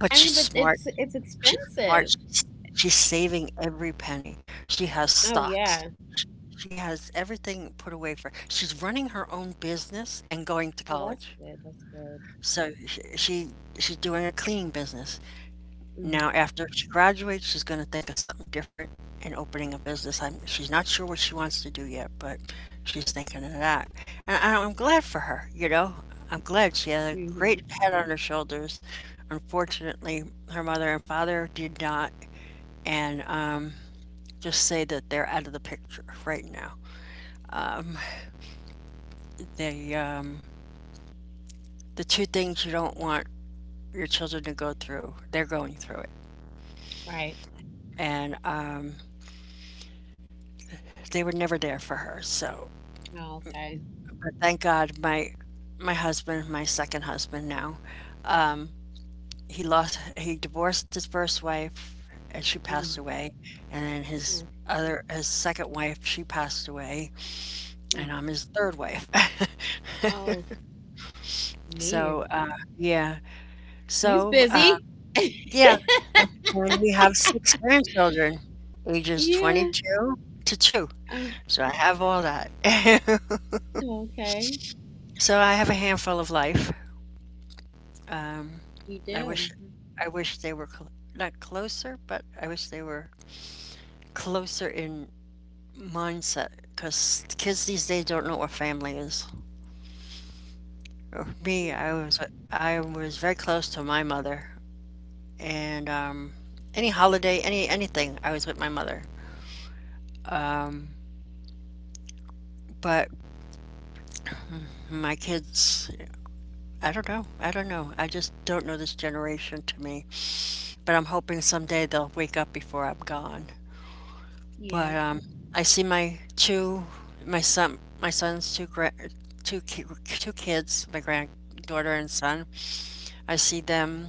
Speaker 1: but
Speaker 2: I
Speaker 1: she's
Speaker 2: mean, but
Speaker 1: smart.
Speaker 2: it's it's
Speaker 1: She's smart.
Speaker 2: expensive.
Speaker 1: She's, she's saving every penny. She has
Speaker 2: Oh
Speaker 1: stocks.
Speaker 2: yeah.
Speaker 1: She, she has everything put away for. She's running her own business and going to
Speaker 2: Oh, that's
Speaker 1: college.
Speaker 2: good. That's good.
Speaker 1: So she, she she's doing a cleaning business. Now,
Speaker 2: Hmm.
Speaker 1: after she graduates, she's going to think of something different and opening a business. I'm, she's not sure what she wants to do yet, but she's thinking of that. And I- I'm glad for her, you know. I'm glad she had a
Speaker 2: Hmm.
Speaker 1: great head on her shoulders. Unfortunately, her mother and father did not, and um, just say that they're out of the picture right now. Um, the um, the two things you don't want your children to go through, they're going through it,
Speaker 2: Right.
Speaker 1: and um, they were never there for her. So
Speaker 2: Oh, okay.
Speaker 1: but thank God, my my husband, my second husband now, um, he lost, he divorced his first wife, and she
Speaker 2: Mhm.
Speaker 1: passed away, and then his
Speaker 2: Oh,
Speaker 1: other, his second wife, she passed away,
Speaker 2: mm.
Speaker 1: and I'm his third wife. (laughs)
Speaker 2: Oh, man.
Speaker 1: So, uh, yeah.
Speaker 2: He's
Speaker 1: So, uh,
Speaker 2: busy. (laughs)
Speaker 1: yeah, and and we have six grandchildren, ages
Speaker 2: Yeah.
Speaker 1: twenty-two to two.
Speaker 2: Uh,
Speaker 1: So I have all that. (laughs)
Speaker 2: oh, okay.
Speaker 1: So I have a handful of life. Um,
Speaker 2: You
Speaker 1: I
Speaker 2: do.
Speaker 1: wish
Speaker 2: Mhm.
Speaker 1: I wish they were cl not closer, but I wish they were closer in mindset, because kids these days don't know what family is. Uh, Me, I was I was very close to my mother, and um, any holiday, any anything, I was with my mother. Um, but my kids, I don't know. I don't know. I just don't know this generation to me. But I'm hoping someday they'll wake up before I'm gone.
Speaker 2: Yeah.
Speaker 1: But um, I see my two, my son, my son's two gra- two ki- two kids, my granddaughter and son. I see them.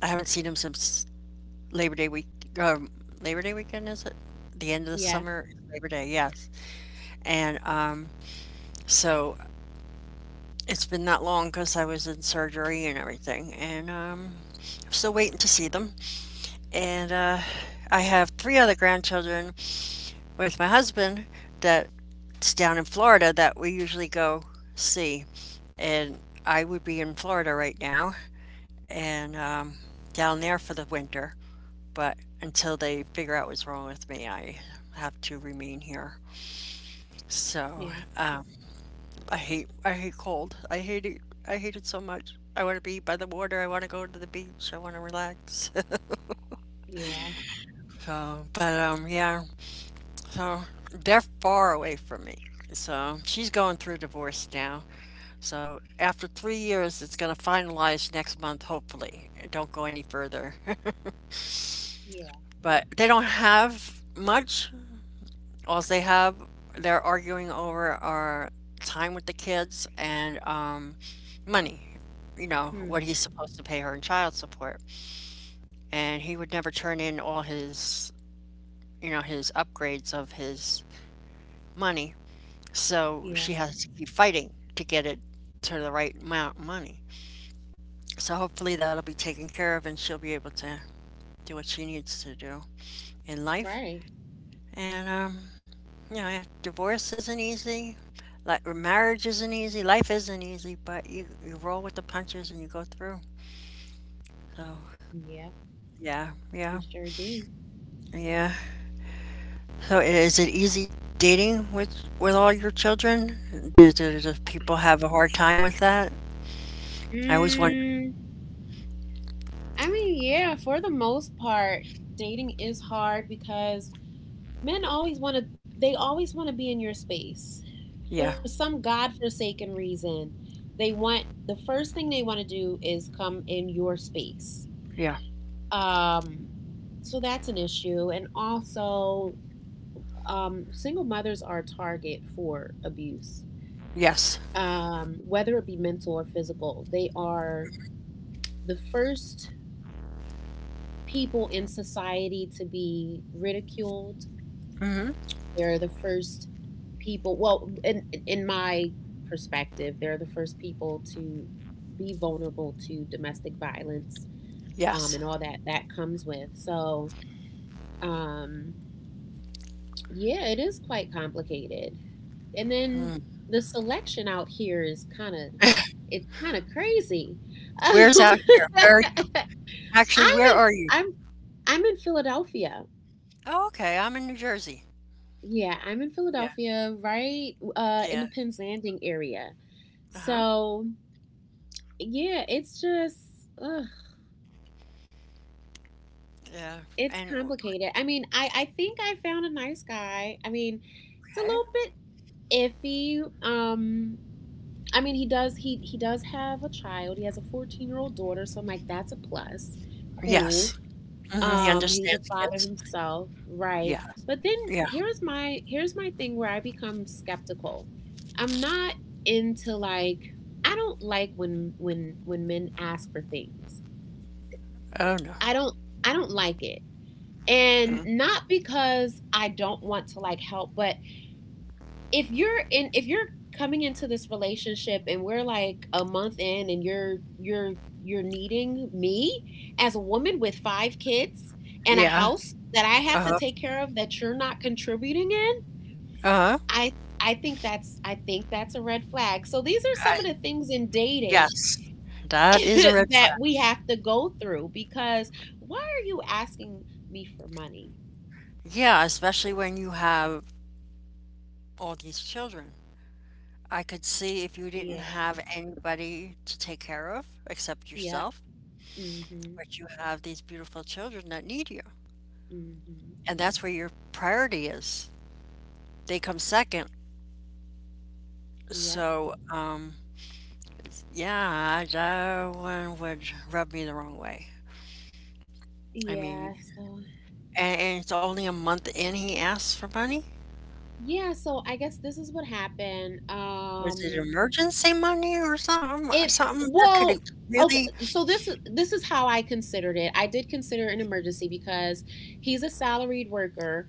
Speaker 1: I haven't seen them since Labor Day week. Um, Labor Day weekend is it? The end of the
Speaker 2: Yeah.
Speaker 1: summer, Labor Day, yes. And um, So it's been that long because I was in surgery and everything, and um, I'm still waiting to see them. And uh, I have three other grandchildren with my husband that's down in Florida that we usually go see. And I would be in Florida right now and um, down there for the winter. But until they figure out what's wrong with me, I have to remain here. So
Speaker 2: Yeah.
Speaker 1: um, I hate I hate cold. I hate it. I hate it so much. I want to be by the water. I want to go to the beach. I want to relax.
Speaker 2: Yeah.
Speaker 1: (laughs) So, but um, yeah. So they're far away from me. So she's going through divorce now. So after three years, it's going to finalize next month, hopefully. Don't go any further. (laughs)
Speaker 2: Yeah.
Speaker 1: But they don't have much. All they have, they're arguing over our time with the kids and um, money. You know,
Speaker 2: Yeah. Hmm.
Speaker 1: what he's supposed to pay her in child support. And he would never turn in all his, you know, his upgrades of his money. So
Speaker 2: Yeah.
Speaker 1: she has to keep fighting to get it to the right amount of money. So hopefully that'll be taken care of and she'll be able to do what she needs to do in life.
Speaker 2: Right.
Speaker 1: And um, you know, yeah, divorce isn't easy. Like marriage isn't easy. Life isn't easy, but you you roll with the punches and you go through. So
Speaker 2: Yeah.
Speaker 1: yeah,
Speaker 2: You
Speaker 1: yeah,
Speaker 2: sure do.
Speaker 1: yeah. So is it easy dating with with all your children? Do, do, do people have a hard time with that? I always wonder.
Speaker 2: Mm, I mean, yeah, for the most part, dating is hard because men always want to they always want to be in your space.
Speaker 1: Yeah,
Speaker 2: For some godforsaken reason, they want the first thing they want to do is come in your space.
Speaker 1: yeah,
Speaker 2: Um so that's an issue, and also um single mothers are a target for abuse.
Speaker 1: yes,
Speaker 2: Um, whether it be mental or physical, they are the first people in society to be ridiculed.
Speaker 1: mm-hmm,
Speaker 2: They're the first people. Well, in in my perspective, they're the first people to be vulnerable to domestic violence um,
Speaker 1: yes.
Speaker 2: and all that that comes with. So, um, yeah, it is quite complicated. And then
Speaker 1: Mm.
Speaker 2: the selection out here is kind of
Speaker 1: (laughs)
Speaker 2: it's kind of crazy.
Speaker 1: Where's out here?
Speaker 2: Um,
Speaker 1: Where are you?
Speaker 2: (laughs)
Speaker 1: Actually,
Speaker 2: I'm
Speaker 1: where
Speaker 2: in
Speaker 1: are you?
Speaker 2: I'm I'm in Philadelphia.
Speaker 1: Oh, okay. I'm in New Jersey.
Speaker 2: Yeah, I'm in
Speaker 1: Yeah.
Speaker 2: Philadelphia, right uh, in the
Speaker 1: Yeah.
Speaker 2: Penzanding area.
Speaker 1: Uh huh.
Speaker 2: So yeah, it's just ugh,
Speaker 1: Yeah,
Speaker 2: it's
Speaker 1: and
Speaker 2: complicated. I mean, I I think I found a nice guy. I mean, it's
Speaker 1: okay.
Speaker 2: a little bit iffy. Um, I mean, he does he he does have a child. He has a fourteen year old daughter. So I'm like, that's a plus. Cool.
Speaker 1: Yes. Mhm, he
Speaker 2: Um, he's a
Speaker 1: understands
Speaker 2: father
Speaker 1: kids.
Speaker 2: himself, right?
Speaker 1: Yes.
Speaker 2: But then
Speaker 1: Yeah.
Speaker 2: here's my here's my thing where I become skeptical. I'm not into like I don't like when when when men ask for things.
Speaker 1: Oh, no.
Speaker 2: I don't I don't like it. And
Speaker 1: Mm.
Speaker 2: not because I don't want to like help, but if you're in if you're coming into this relationship and we're like a month in and you're you're you're needing me as a woman with five kids and a
Speaker 1: Yeah.
Speaker 2: house that I have to
Speaker 1: Uh-huh.
Speaker 2: take care of that you're not contributing in,
Speaker 1: Uh-huh.
Speaker 2: I I think that's I think that's a red flag. So these are some
Speaker 1: I
Speaker 2: of the things in dating
Speaker 1: yes. That is a
Speaker 2: (laughs)
Speaker 1: red
Speaker 2: that we
Speaker 1: flag.
Speaker 2: have to go through because why are you asking me for money?
Speaker 1: Yeah, especially when you have all these children. I could see if you didn't
Speaker 2: Yeah.
Speaker 1: have anybody to take care of except
Speaker 2: Yep.
Speaker 1: yourself,
Speaker 2: Mhm.
Speaker 1: but you have these beautiful children that need you,
Speaker 2: Mhm.
Speaker 1: and that's where your priority is. They come second.
Speaker 2: Yep.
Speaker 1: So, um Yeah, that one would rub me the wrong way. I
Speaker 2: Yeah,
Speaker 1: mean,
Speaker 2: so
Speaker 1: and, and it's only a month in he asks for money.
Speaker 2: yeah, so I guess this is what happened.
Speaker 1: Was it
Speaker 2: Um
Speaker 1: emergency money or something?
Speaker 2: It
Speaker 1: Something that could
Speaker 2: well, okay.
Speaker 1: really.
Speaker 2: So this this is how I considered it. I did consider it an emergency because he's a salaried worker,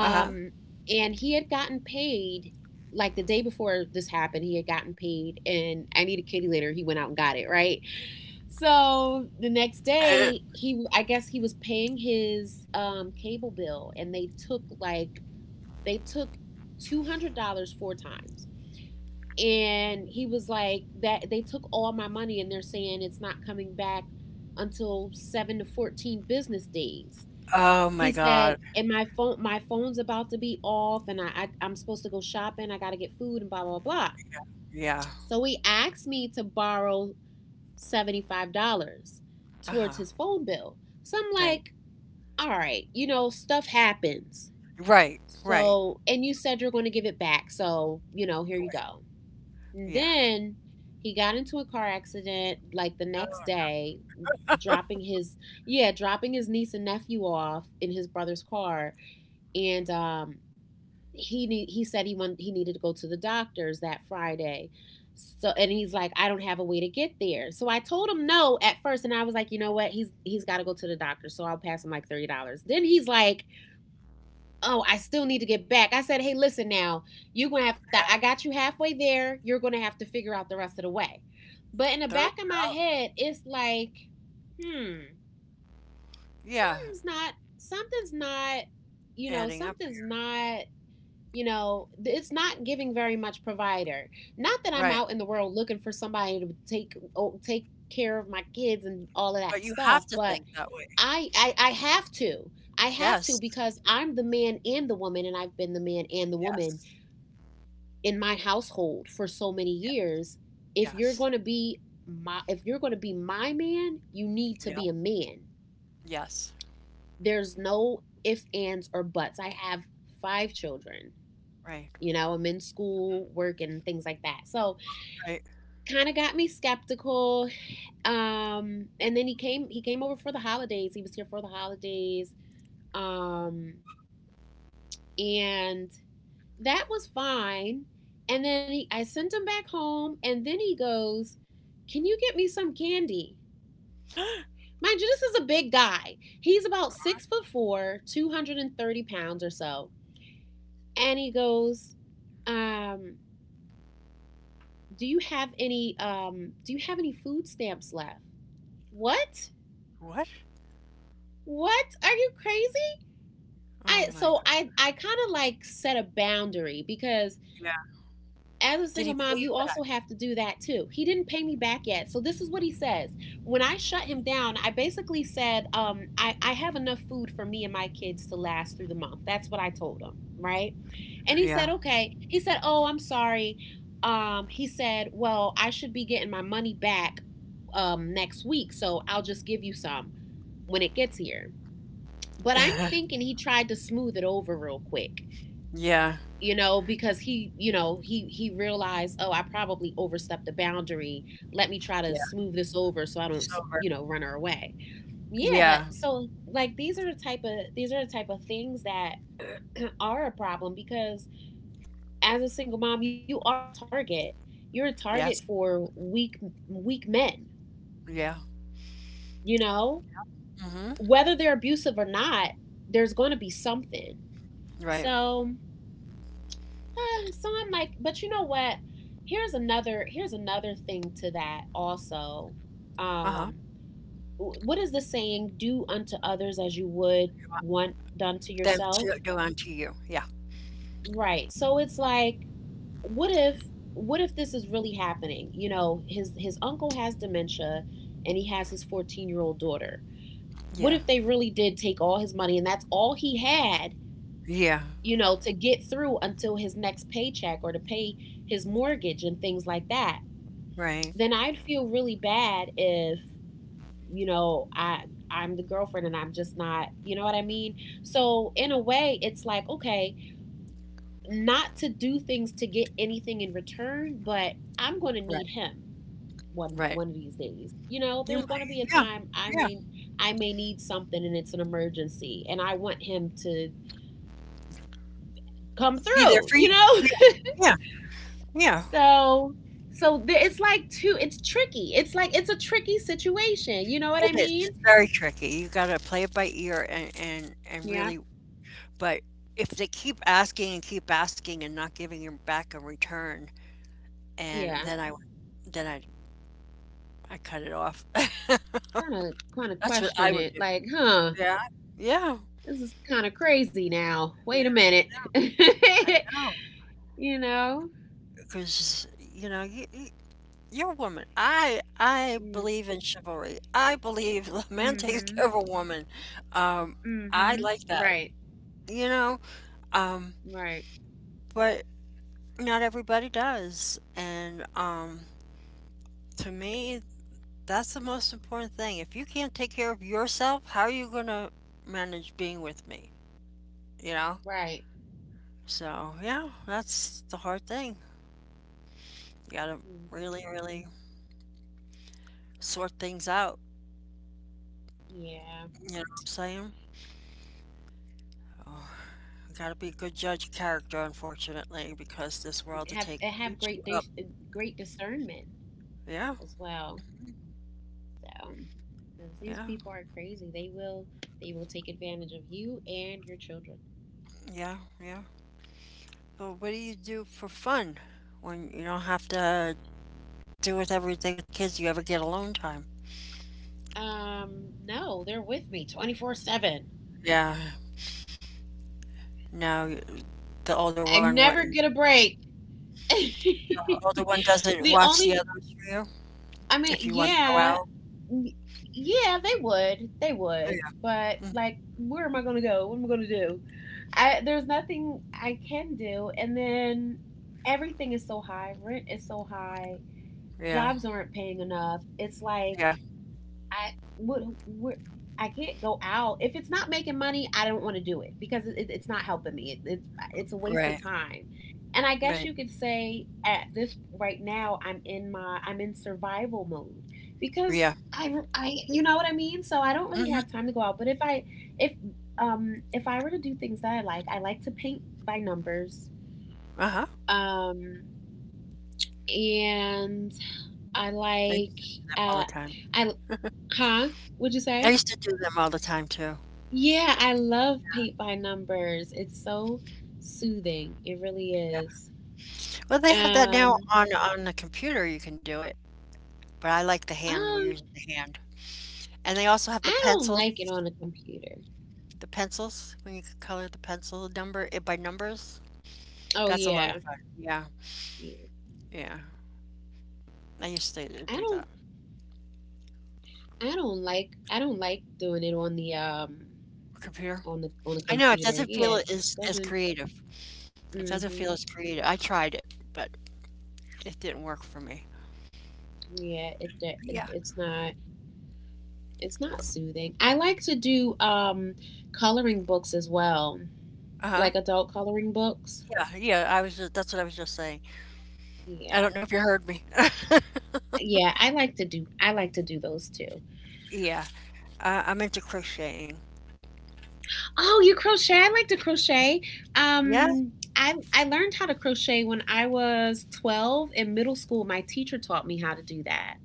Speaker 1: Uh-huh.
Speaker 2: and he had gotten paid like the day before this happened. He had gotten paid, and I need a kitty litter. He went out and got it right. So the next
Speaker 1: Uh huh.
Speaker 2: day, he I guess he was paying his um, cable bill, and they took like they took two hundred dollars four times, and he was like that they took all my money and they're saying it's not coming back until seven to fourteen business days,
Speaker 1: Oh my
Speaker 2: he
Speaker 1: God.
Speaker 2: said, and my phone my phone's about to be off and i, I I'm supposed to go shopping, I gotta get food and blah blah blah,
Speaker 1: Yeah.
Speaker 2: so he asked me to borrow seventy-five dollars
Speaker 1: Uh
Speaker 2: towards
Speaker 1: huh.
Speaker 2: his phone bill. So I'm
Speaker 1: Right.
Speaker 2: like, all right, you know, stuff happens,
Speaker 1: Right. Right.
Speaker 2: so, and you said you're going to give it back, so you know, here you
Speaker 1: Right.
Speaker 2: go. And
Speaker 1: Yeah.
Speaker 2: then he got into a car accident like the next
Speaker 1: Oh,
Speaker 2: day, dropping his yeah, dropping his niece and nephew off in his brother's car, and um, he need, he said he wanted he needed to go to the doctors that Friday. So, and he's like, I don't have a way to get there. So I told him no at first, and I was like, you know what? He's he's got to go to the doctor, so I'll pass him like thirty dollars. Then he's like, oh, I still need to get back. I said, hey, listen now, you're going to have to, I got you halfway there. You're going to have to figure out the rest of the way. But in the back
Speaker 1: Thirty
Speaker 2: of my
Speaker 1: dollars.
Speaker 2: head, it's like, hmm,
Speaker 1: Yeah.
Speaker 2: something's not, something's not, you know,
Speaker 1: Adding up.
Speaker 2: something's not, you know, it's not giving very much provider. Not that I'm
Speaker 1: Right.
Speaker 2: out in the world looking for somebody to take, oh, take care of my kids and all of that
Speaker 1: But you
Speaker 2: stuff,
Speaker 1: have to
Speaker 2: but
Speaker 1: think that way.
Speaker 2: I, I I have to. I have to
Speaker 1: Yes.
Speaker 2: because I'm the man and the woman, and I've been the man and the woman
Speaker 1: Yes.
Speaker 2: in my household for so many
Speaker 1: Yeah.
Speaker 2: years. If you're
Speaker 1: Yes.
Speaker 2: going to be my If you're going to be my man, you need to
Speaker 1: Yeah.
Speaker 2: be a man.
Speaker 1: Yes.
Speaker 2: There's no ifs, ands or buts. I have five children.
Speaker 1: Right.
Speaker 2: You know, I'm in school, work and things like that. So,
Speaker 1: Right.
Speaker 2: kind of got me skeptical. Um and then he came he came over for the holidays. He was here for the holidays. Um and that was fine. And then he, I sent him back home, and then he goes, can you get me some candy? Mind you, this is a big guy. He's about six foot four, two hundred thirty pounds or so. And he goes, um, do you have any um do you have any food stamps left? What?
Speaker 1: What?
Speaker 2: What? Are you crazy?
Speaker 1: Oh
Speaker 2: I
Speaker 1: my
Speaker 2: so
Speaker 1: god,
Speaker 2: I I kind of like set a boundary because
Speaker 1: yeah.
Speaker 2: as a
Speaker 1: Did he
Speaker 2: single
Speaker 1: pay
Speaker 2: mom,
Speaker 1: you
Speaker 2: you
Speaker 1: back?
Speaker 2: also have to do that too. He didn't pay me back yet. So this is what he says. When I shut him down, I basically said, um, I, I have enough food for me and my kids to last through the month. That's what I told him, right? And he
Speaker 1: Yeah.
Speaker 2: said, okay. He said, oh, I'm sorry. Um, he said, well, I should be getting my money back um, next week. So I'll just give you some when it gets here. But I'm
Speaker 1: (laughs)
Speaker 2: thinking he tried to smooth it over real quick,
Speaker 1: Yeah,
Speaker 2: you know, because he you know he he realized, oh, I probably overstepped the boundary. Let me try to
Speaker 1: yeah,
Speaker 2: smooth this over so I don't,
Speaker 1: sober.
Speaker 2: you know, run her away. Yeah, but
Speaker 1: Yeah,
Speaker 2: so like these are the type of these are the type of things that (clears throat) are a problem because as a single mom, you are a target. You're a target
Speaker 1: yes,
Speaker 2: for weak weak men,
Speaker 1: yeah,
Speaker 2: you know,
Speaker 1: mhm,
Speaker 2: whether they're abusive or not, there's going to be something.
Speaker 1: right,
Speaker 2: So (sighs) eh, so I'm like, but you know what? Here's another here's another thing to that also.
Speaker 1: uh-huh.
Speaker 2: Um, what is the saying? Do unto others as you would
Speaker 1: Do un
Speaker 2: want done to
Speaker 1: them
Speaker 2: yourself.
Speaker 1: to go on to you, yeah,
Speaker 2: Right. So it's like, what if what if this is really happening? You know, his his uncle has dementia, and he has his fourteen year old daughter. What
Speaker 1: yeah,
Speaker 2: if they really did take all his money and that's all he had?
Speaker 1: yeah,
Speaker 2: You know, to get through until his next paycheck or to pay his mortgage and things like that.
Speaker 1: right,
Speaker 2: Then I'd feel really bad if, you know, I, I'm the girlfriend and I'm just not, you know what I mean? So in a way it's like okay, not to do things to get anything in return, but I'm going to
Speaker 1: right,
Speaker 2: need him one
Speaker 1: right.
Speaker 2: one of these days. You know,
Speaker 1: You
Speaker 2: there's going to
Speaker 1: might
Speaker 2: be a
Speaker 1: yeah,
Speaker 2: time I
Speaker 1: yeah,
Speaker 2: may I may need something and it's an emergency and I want him to come
Speaker 1: be there
Speaker 2: through,
Speaker 1: for
Speaker 2: you
Speaker 1: you.
Speaker 2: know?
Speaker 1: Yeah,
Speaker 2: (laughs)
Speaker 1: yeah, yeah.
Speaker 2: So so there, it's like two it's tricky. It's like it's a tricky situation, you know what I
Speaker 1: It is,
Speaker 2: mean?
Speaker 1: it's very tricky, you gotta play it by ear and and and
Speaker 2: Yeah.
Speaker 1: really. But if they keep asking and keep asking and not giving you back a return, and
Speaker 2: Yeah.
Speaker 1: then I then i I cut it off. (laughs)
Speaker 2: Kind of kind of
Speaker 1: That's what I
Speaker 2: question
Speaker 1: would
Speaker 2: it
Speaker 1: do.
Speaker 2: like, huh,
Speaker 1: Yeah. Yeah.
Speaker 2: this is kind of crazy now.
Speaker 1: Yeah.
Speaker 2: Wait a minute.
Speaker 1: Yeah.
Speaker 2: (laughs)
Speaker 1: I know.
Speaker 2: you know?
Speaker 1: Because, you know, you, you, you're a woman. I I
Speaker 2: Mm,
Speaker 1: believe in chivalry. I believe (laughs) the man takes
Speaker 2: mhm.
Speaker 1: care of a woman. Um, I
Speaker 2: Mhm.
Speaker 1: like that.
Speaker 2: Right.
Speaker 1: You know, um,
Speaker 2: Right.
Speaker 1: but not everybody does. And um, to me, that's the most important thing. If you can't take care of yourself, how are you gonna manage being with me? You know.
Speaker 2: Right.
Speaker 1: So yeah, that's the hard thing. You gotta
Speaker 2: Mhm.
Speaker 1: really, really sort things out.
Speaker 2: Yeah.
Speaker 1: You know what I'm saying? Oh, you gotta be a good judge of character, unfortunately, because this world will
Speaker 2: Have
Speaker 1: take
Speaker 2: eh, have
Speaker 1: eat
Speaker 2: great
Speaker 1: you
Speaker 2: dis-
Speaker 1: up.
Speaker 2: eh, great discernment
Speaker 1: Yeah,
Speaker 2: as well. So, cuz these
Speaker 1: yeah,
Speaker 2: people are crazy. They will they will take advantage of you and your children.
Speaker 1: yeah, yeah. But what do you do for fun when you don't have to do with everything with the kids? You ever get alone time?
Speaker 2: Um, no, they're with me twenty-four seven.
Speaker 1: Yeah. No, the older
Speaker 2: I
Speaker 1: one, what,
Speaker 2: never
Speaker 1: the
Speaker 2: get a break. (laughs)
Speaker 1: older one doesn't
Speaker 2: the
Speaker 1: watch the
Speaker 2: only,
Speaker 1: others for you
Speaker 2: I mean,
Speaker 1: if you want to go
Speaker 2: yeah,
Speaker 1: out.
Speaker 2: yeah, they would, they
Speaker 1: Yeah.
Speaker 2: would, but
Speaker 1: Mhm.
Speaker 2: like, where am I gonna go? What am I gonna do? I there's nothing I can do, and then everything is so high. Rent is so high.
Speaker 1: Yeah.
Speaker 2: Jobs aren't paying enough. It's like
Speaker 1: Yeah.
Speaker 2: I would where, I can't go out if it's not making money. I don't want to do it because it, it's not helping me. It, it's it's a waste
Speaker 1: Right.
Speaker 2: of time. And I guess
Speaker 1: Right.
Speaker 2: you could say at this right now, I'm in my I'm in survival mode because
Speaker 1: Yeah.
Speaker 2: I I you know what I mean. So I don't really have
Speaker 1: Hmm.
Speaker 2: time to go out. But if I if um if I were to do things that I like, I like to paint by numbers.
Speaker 1: Uh-huh.
Speaker 2: Um and I
Speaker 1: I used
Speaker 2: like
Speaker 1: to do them all the
Speaker 2: uh
Speaker 1: time.
Speaker 2: I huh? Would you
Speaker 1: I
Speaker 2: say?
Speaker 1: used to do them all the time too.
Speaker 2: Yeah, I love paint by numbers. It's so soothing. It really
Speaker 1: Yeah.
Speaker 2: is.
Speaker 1: Well, they have that now
Speaker 2: Um,
Speaker 1: on on the computer, you can do it, but I like the hand, we're
Speaker 2: um,
Speaker 1: using the hand. And they also have the
Speaker 2: I don't
Speaker 1: pencil,
Speaker 2: like it on a computer.
Speaker 1: the pencils, when you could color the pencil number it by numbers.
Speaker 2: Oh
Speaker 1: That's a lot
Speaker 2: yeah,
Speaker 1: of fun. Yeah.
Speaker 2: yeah.
Speaker 1: Yeah. I used to
Speaker 2: I
Speaker 1: do
Speaker 2: don't,
Speaker 1: that.
Speaker 2: I don't like, I don't like doing it on the um,
Speaker 1: Computer.
Speaker 2: on the on the
Speaker 1: I know it
Speaker 2: computer.
Speaker 1: doesn't
Speaker 2: Yeah,
Speaker 1: feel
Speaker 2: it
Speaker 1: as as
Speaker 2: doesn't.
Speaker 1: creative. It doesn't feel
Speaker 2: Mm-hmm.
Speaker 1: as creative. I tried it, but it didn't work for me.
Speaker 2: Yeah, it, do- it
Speaker 1: Yeah.
Speaker 2: it's not it's not soothing. I like to do um coloring books as well,
Speaker 1: Uh-huh.
Speaker 2: like adult coloring books.
Speaker 1: Yeah, yeah, I was just, that's what I was just saying. I
Speaker 2: Yeah.
Speaker 1: don't know if you heard me. (laughs)
Speaker 2: Yeah, I like to do I like to do those too.
Speaker 1: Yeah. Uh, I'm into crocheting.
Speaker 2: Oh, you crochet? I like to crochet.
Speaker 1: Yeah.
Speaker 2: Um I I learned how to crochet when I was twelve in middle school. My teacher taught me how to do that.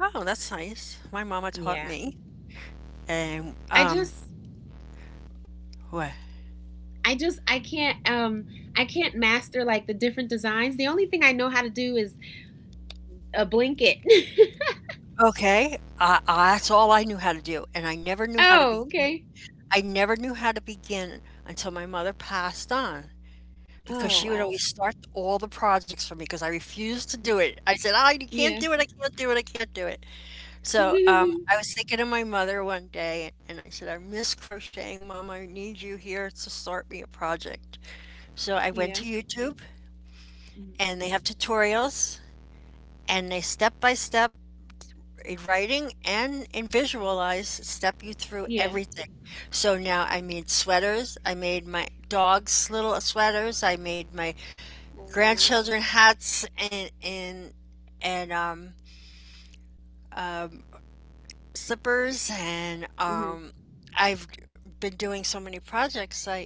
Speaker 1: Oh, that's nice. My mama taught
Speaker 2: Yeah.
Speaker 1: me, and
Speaker 2: I
Speaker 1: um,
Speaker 2: just
Speaker 1: what?
Speaker 2: I just I can't um I can't master like the different designs. The only thing I know how to do is a blanket.
Speaker 1: Okay, I, I, that's all I knew how to do, and I never
Speaker 2: (laughs)
Speaker 1: knew how to
Speaker 2: oh,
Speaker 1: begin.
Speaker 2: okay.
Speaker 1: I never knew how to begin until my mother passed on, because
Speaker 2: Oh,
Speaker 1: she would
Speaker 2: wow.
Speaker 1: always start all the projects for me because I refused to do it. I said, "I you can't
Speaker 2: Yeah.
Speaker 1: do it. I can't do it. I can't do it." So um,
Speaker 2: (laughs)
Speaker 1: I was thinking of my mother one day, and I said, "I miss crocheting, Mom. I need you here to start me a project." So I went
Speaker 2: yeah.
Speaker 1: to YouTube
Speaker 2: Mhm.
Speaker 1: and they have tutorials and they step by step in writing and in visualize step you through
Speaker 2: Yeah.
Speaker 1: everything. So now I made sweaters, I made my dog's little sweaters, I made my
Speaker 2: Oh.
Speaker 1: grandchildren hats and and and um, um, slippers and
Speaker 2: Mhm.
Speaker 1: um, I've been doing so many projects I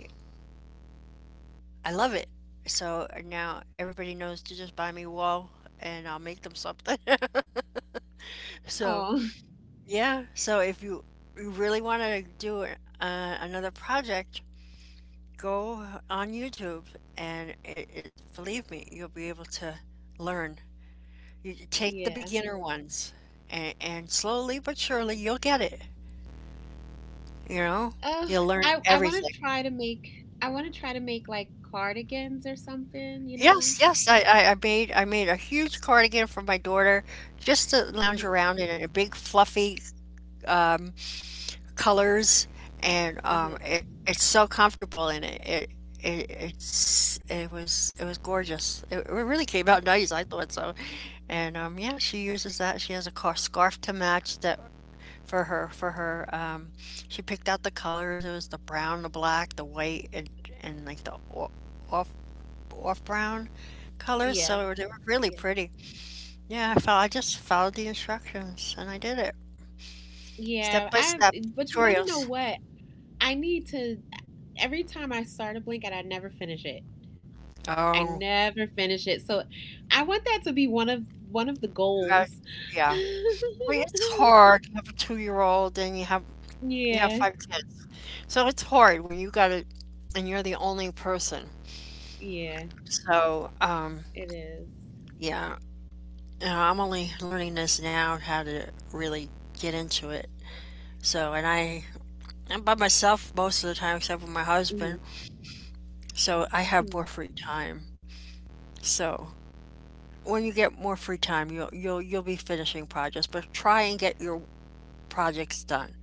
Speaker 1: I love it. So now everybody knows to just buy me a wall and I'll make them something. (laughs)
Speaker 2: Oh.
Speaker 1: So
Speaker 2: (laughs)
Speaker 1: yeah, so if you you really want to do a- uh, another project, go on YouTube and it, it, believe me, you'll be able to learn. You you take the
Speaker 2: Yeah.
Speaker 1: beginner ones and, and slowly but surely you'll get it. You know,
Speaker 2: Oh,
Speaker 1: you'll learn
Speaker 2: I I wanna
Speaker 1: everything.
Speaker 2: try to make I wanna try to make, like, cardigans or something, you know?
Speaker 1: Yes, yes, I, I, I made I made a huge cardigan for my daughter just to lounge
Speaker 2: Mhm,
Speaker 1: around in a big fluffy um, colors and um,
Speaker 2: mhm.
Speaker 1: it, it's so comfortable and it, it, it it's it was it was gorgeous. It, it really came out (laughs) nice, I thought so. And um, yeah, she uses that. She has a car scarf to match that for her for her. Um, she picked out the colors. It was the brown, the black, the white, and and like the o- off off brown colors.
Speaker 2: Yeah,
Speaker 1: So they were really
Speaker 2: yeah.
Speaker 1: pretty. Yeah, I
Speaker 2: Hmm.
Speaker 1: felt I just followed the instructions and I did it step
Speaker 2: Yeah,
Speaker 1: by
Speaker 2: I
Speaker 1: step
Speaker 2: but you wanna know
Speaker 1: tutorials.
Speaker 2: what? I need to uh, every time I start a blanket, I never finish it. I
Speaker 1: Oh.
Speaker 2: never finish it, so I want that to be one of one of the
Speaker 1: Uh,
Speaker 2: goals. (laughs)
Speaker 1: yeah. Well, it's hard. You have a two-year-old and you have you have
Speaker 2: Yeah,
Speaker 1: five kids. So it's hard when you got it and you're the only person.
Speaker 2: yeah,
Speaker 1: So, um,
Speaker 2: it is.
Speaker 1: yeah, you know, I'm only learning this now how to really get into it. So, and I I'm by myself most of the time except for my
Speaker 2: Mhm.
Speaker 1: husband. So I
Speaker 2: Hmm,
Speaker 1: have more free time. So when you get more free time, you'll you'll you'll be finishing projects, but try and get your projects done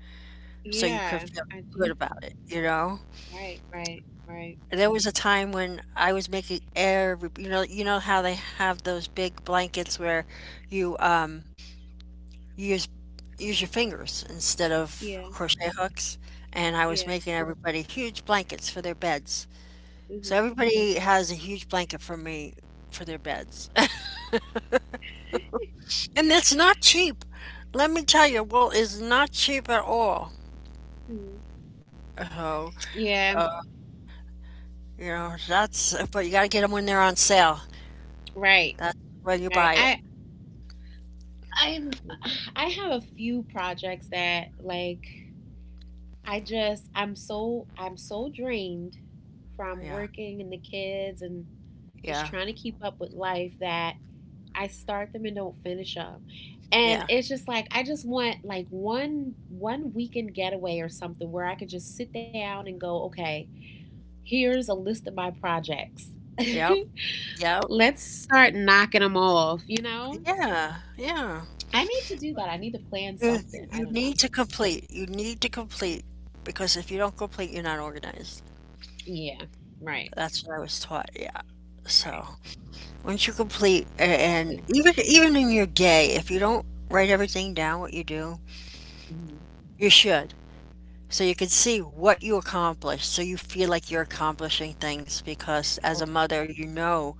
Speaker 1: so you can
Speaker 2: yeah,
Speaker 1: feel
Speaker 2: I
Speaker 1: good
Speaker 2: do.
Speaker 1: about it, you know?
Speaker 2: Right, right, right.
Speaker 1: There was a time when I was making every, you know, you know how they have those big blankets where you um use use your fingers instead of
Speaker 2: Yeah,
Speaker 1: crochet hooks, and I was
Speaker 2: yeah.
Speaker 1: making everybody huge blankets for their beds.
Speaker 2: Mm-hmm.
Speaker 1: So everybody has a huge blanket for me for their beds. (laughs) And it's not cheap. Let me tell you, wool is not cheap at all.
Speaker 2: Mm-hmm.
Speaker 1: So,
Speaker 2: Yeah,
Speaker 1: uh, you know, that's, but you got to get them when they're on sale.
Speaker 2: right.
Speaker 1: That's when you
Speaker 2: Right.
Speaker 1: buy it.
Speaker 2: I I I have a few projects that like I just I'm so I'm so drained from
Speaker 1: Yeah,
Speaker 2: working and the kids and just
Speaker 1: yeah,
Speaker 2: trying to keep up with life that I start them and don't finish them. And
Speaker 1: yeah.
Speaker 2: it's just like I just want like one one weekend getaway or something where I could just sit down and go, okay, here's a list of my projects.
Speaker 1: Yep,
Speaker 2: (laughs)
Speaker 1: yep.
Speaker 2: Let's start knocking them off, you know?
Speaker 1: Yeah, yeah.
Speaker 2: I need to do that. I need to plan
Speaker 1: You
Speaker 2: something.
Speaker 1: you
Speaker 2: I
Speaker 1: you
Speaker 2: don't
Speaker 1: need
Speaker 2: know.
Speaker 1: to complete. You need to complete because if you don't complete, you're not organized.
Speaker 2: Yeah. Right.
Speaker 1: That's what I was taught, yeah.
Speaker 2: Right.
Speaker 1: So, once you complete a and
Speaker 2: Exactly.
Speaker 1: even even in your day, if you don't write everything down what you do,
Speaker 2: Hmm.
Speaker 1: you should. So you can see what you accomplished, so you feel like you're accomplishing things because as a
Speaker 2: Okay.
Speaker 1: mother, you know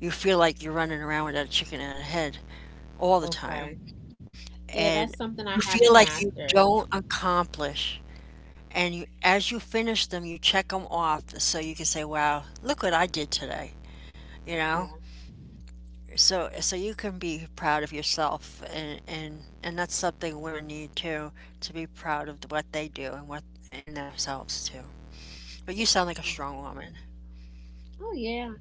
Speaker 1: you feel like you're running around without a chicken in a head all the time.
Speaker 2: Okay. Yeah,
Speaker 1: And
Speaker 2: that's something I
Speaker 1: you feel
Speaker 2: haven't
Speaker 1: like you
Speaker 2: mastered.
Speaker 1: don't accomplish. And you, as you finish them, you check them off so you can say, "Wow, look what I did today," you know?
Speaker 2: Yeah.
Speaker 1: So so you can be proud of yourself and and and that's something women need too, to be proud of what they do and what in themselves too. But you sound like a
Speaker 2: Yeah.
Speaker 1: strong woman.
Speaker 2: Oh yeah.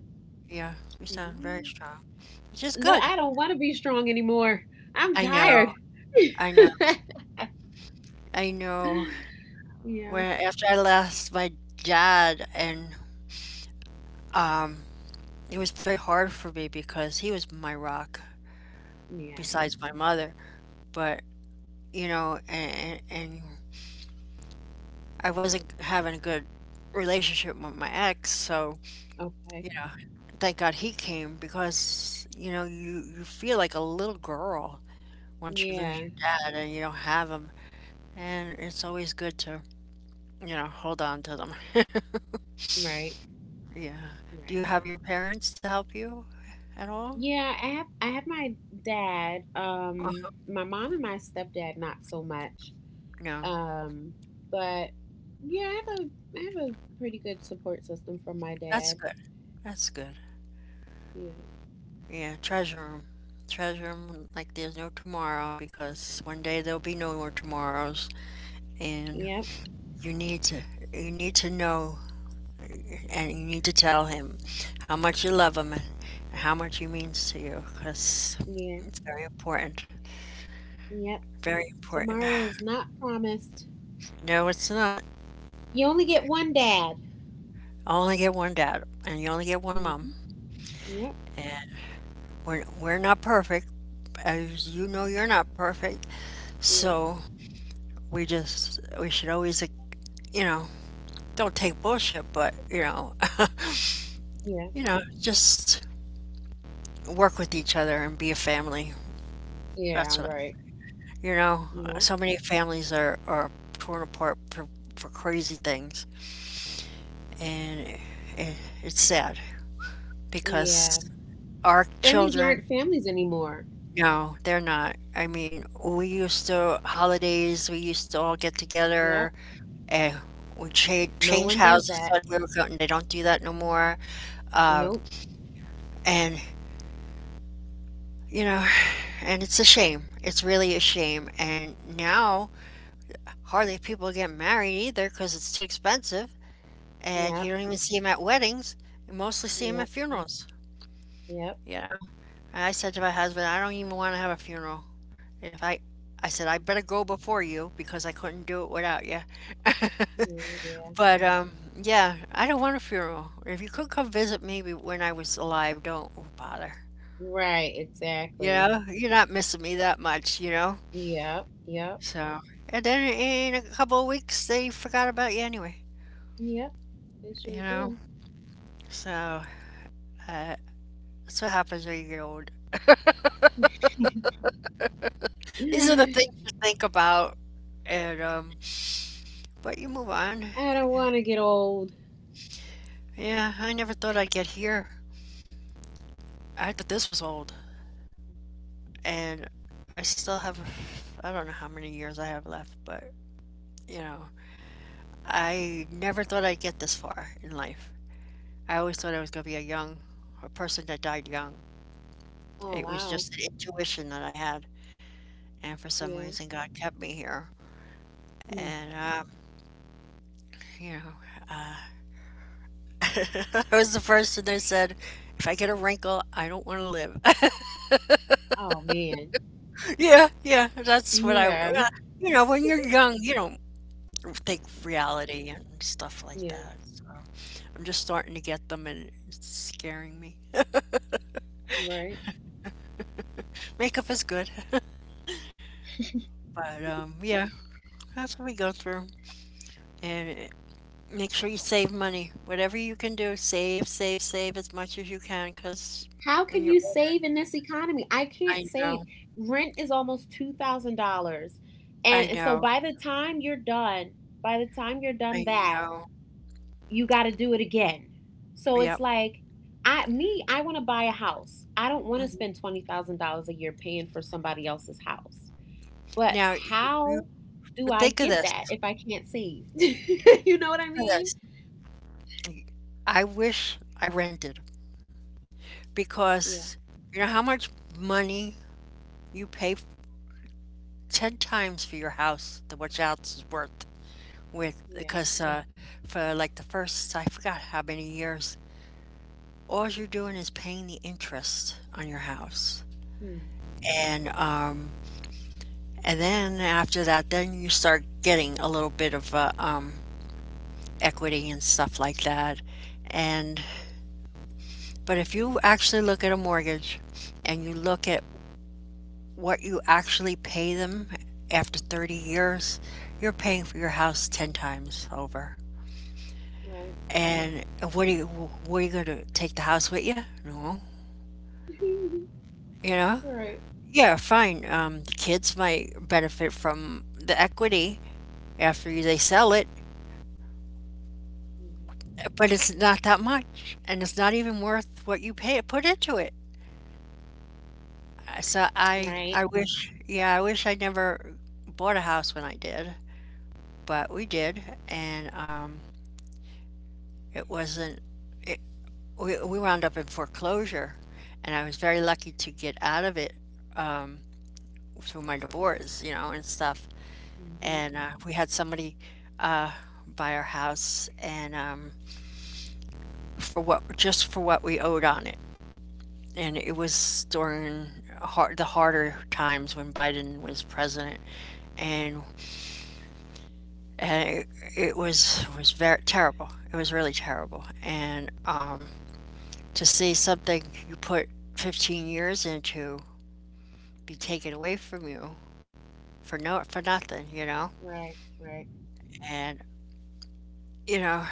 Speaker 1: Yeah, you
Speaker 2: Yeah.
Speaker 1: sound very strong, which is
Speaker 2: Look,
Speaker 1: good.
Speaker 2: I don't want to be strong anymore. I'm
Speaker 1: I know,
Speaker 2: tired. (laughs)
Speaker 1: I know, I know.
Speaker 2: yeah.
Speaker 1: When After I lost my dad, and um, it was very hard for me because he was my rock
Speaker 2: Yeah.
Speaker 1: besides my mother. But, you know, and, and I wasn't having a good relationship with my ex, so,
Speaker 2: Okay.
Speaker 1: you know, thank God he came because, you know, you, you feel like a little girl once you lose
Speaker 2: Yeah.
Speaker 1: your dad and you don't have him. And it's always good to, you know, hold on to them. (laughs)
Speaker 2: Right.
Speaker 1: Yeah. Do you
Speaker 2: Right.
Speaker 1: have your parents to help you at all?
Speaker 2: Yeah, I have I have my dad, um,
Speaker 1: Oh,
Speaker 2: my mom and my stepdad not so much.
Speaker 1: no.
Speaker 2: Um, but yeah, I have a I have a pretty good support system from my
Speaker 1: That's
Speaker 2: dad.
Speaker 1: good. That's good.
Speaker 2: Yeah.
Speaker 1: Yeah, treasure treasure Treasure 'em like there's no tomorrow because one day there'll be no more tomorrows and
Speaker 2: Yep.
Speaker 1: you need to you need to know and you need to tell him how much you love him and how much he means to you because
Speaker 2: Yeah.
Speaker 1: it's very important.
Speaker 2: Yep.
Speaker 1: Very important.
Speaker 2: Tomorrow is not promised.
Speaker 1: No, it's not.
Speaker 2: You only get one dad.
Speaker 1: I only get one dad and you only get one mom.
Speaker 2: Hmm. Yep.
Speaker 1: And we're, we're not perfect, as you know, you're not perfect.
Speaker 2: Yep.
Speaker 1: So we just, we should always, you know, don't take bullshit, but you know, (laughs)
Speaker 2: Yeah.
Speaker 1: you know, just work with each other and be a family.
Speaker 2: Yeah.
Speaker 1: That's what I,
Speaker 2: Right.
Speaker 1: you know,
Speaker 2: Yeah.
Speaker 1: so many families are, are torn apart for, for crazy things. And it, it's sad because
Speaker 2: Yeah.
Speaker 1: our
Speaker 2: Families
Speaker 1: children,
Speaker 2: aren't families anymore.
Speaker 1: no, they're not. I mean, we used to, holidays, we used to all get
Speaker 2: Yep.
Speaker 1: together and we cha-
Speaker 2: No
Speaker 1: change
Speaker 2: one does
Speaker 1: houses
Speaker 2: that.
Speaker 1: like we were going. They don't do that no more. Um,
Speaker 2: Nope.
Speaker 1: and you know, and it's a shame. It's really a shame. And now hardly people get married either because it's too expensive, and you
Speaker 2: Yep.
Speaker 1: don't even see them at weddings. You mostly see them at
Speaker 2: Yep.
Speaker 1: funerals.
Speaker 2: Yep.
Speaker 1: You know, and I said to my husband, I don't even want to have a funeral. If I, I said I better go before you because I couldn't do it without you. (laughs)
Speaker 2: Mm, yeah.
Speaker 1: But um, yeah, I don't want a funeral. If you could come visit me when I was alive, don't bother.
Speaker 2: Right,
Speaker 1: You
Speaker 2: exactly.
Speaker 1: know, you're not missing me that much. You know.
Speaker 2: Yep, yep,
Speaker 1: So, and then in a couple of weeks, they forgot about you anyway,
Speaker 2: yep. They
Speaker 1: you
Speaker 2: sure
Speaker 1: know?
Speaker 2: do.
Speaker 1: So, uh, that's what happens when you get old. These are the things
Speaker 2: (laughs)
Speaker 1: to think about, and, um, but you move on.
Speaker 2: I don't want to get old.
Speaker 1: Yeah, I never thought I'd get here. I thought this was old, and I still have, I don't know how many years I have left, but, you know, I never thought I'd get this far in life. I always thought I was going to be a young, a person that died young. It
Speaker 2: Oh,
Speaker 1: was just
Speaker 2: wow.
Speaker 1: an intuition that I had, and for
Speaker 2: Yeah.
Speaker 1: some reason God kept me here.
Speaker 2: Mm.
Speaker 1: And um, you know, uh, (laughs) I was the person that said, "If I get a wrinkle, I don't want to live."
Speaker 2: Oh, man.
Speaker 1: (laughs) Yeah, yeah, that's what I. well,
Speaker 2: Yeah.
Speaker 1: you know, when you're young, you don't think reality and stuff like
Speaker 2: Yeah,
Speaker 1: that. So I'm just starting to get them, and it's scaring me.
Speaker 2: right.
Speaker 1: Makeup is good, (laughs) but um, yeah, that's what we go through. And uh, make sure you save money. Whatever you can do, save, save, save as much as you can, because
Speaker 2: How
Speaker 1: when
Speaker 2: can
Speaker 1: you're
Speaker 2: you save in this economy? I can't
Speaker 1: I
Speaker 2: save.
Speaker 1: know,
Speaker 2: Rent is almost two thousand dollars.
Speaker 1: I
Speaker 2: And so
Speaker 1: know,
Speaker 2: by the time you're done, by the time you're done
Speaker 1: I
Speaker 2: that,
Speaker 1: know.
Speaker 2: you got to do it again. So
Speaker 1: Yep.
Speaker 2: it's like, I me, I want to buy a house. I don't want to spend
Speaker 1: Mhm.
Speaker 2: twenty thousand dollars a year paying for somebody else's house. But
Speaker 1: Now, you you
Speaker 2: how do
Speaker 1: but
Speaker 2: I
Speaker 1: think of
Speaker 2: get
Speaker 1: this,
Speaker 2: that if I can't save? (laughs) you know what
Speaker 1: think
Speaker 2: I
Speaker 1: of
Speaker 2: mean?
Speaker 1: this. Y I wish I rented
Speaker 2: Yeah,
Speaker 1: because you know how much money you pay f ten times for your house than what your house is worth with
Speaker 2: yeah.
Speaker 1: because, uh, for, like, the first I forgot how many years, all you're doing is paying the interest on your house.
Speaker 2: Hmm.
Speaker 1: And, um, and then after that, then you start getting a little bit of a, um equity and stuff like that. And but if you actually look at a mortgage and you look at what you actually pay them after thirty years, you're paying for your house ten times over.
Speaker 2: Right.
Speaker 1: And what are you what are you going to take the house with you? No. You
Speaker 2: (laughs)
Speaker 1: know?
Speaker 2: right.
Speaker 1: Yeah, fine. Um, the kids might benefit from the equity after they sell it,
Speaker 2: Yeah.
Speaker 1: but it's not that much, and it's not even worth what you pay put into it. Uh, So I
Speaker 2: Right.
Speaker 1: I wish yeah, I wish I never bought a house when I did, but we did and um it wasn't it, we we wound up in foreclosure and I was very lucky to get out of it um through my divorce, you know, and stuff.
Speaker 2: Mm-hmm.
Speaker 1: And uh, we had somebody uh buy our house and um for what just for what we owed on it. And it was during har the harder times when Biden was president and and it, it was was very terrible. It was really terrible. And um, to see something you put fifteen years into be taken away from you for no for nothing, you know.
Speaker 2: Right. Right.
Speaker 1: And you know,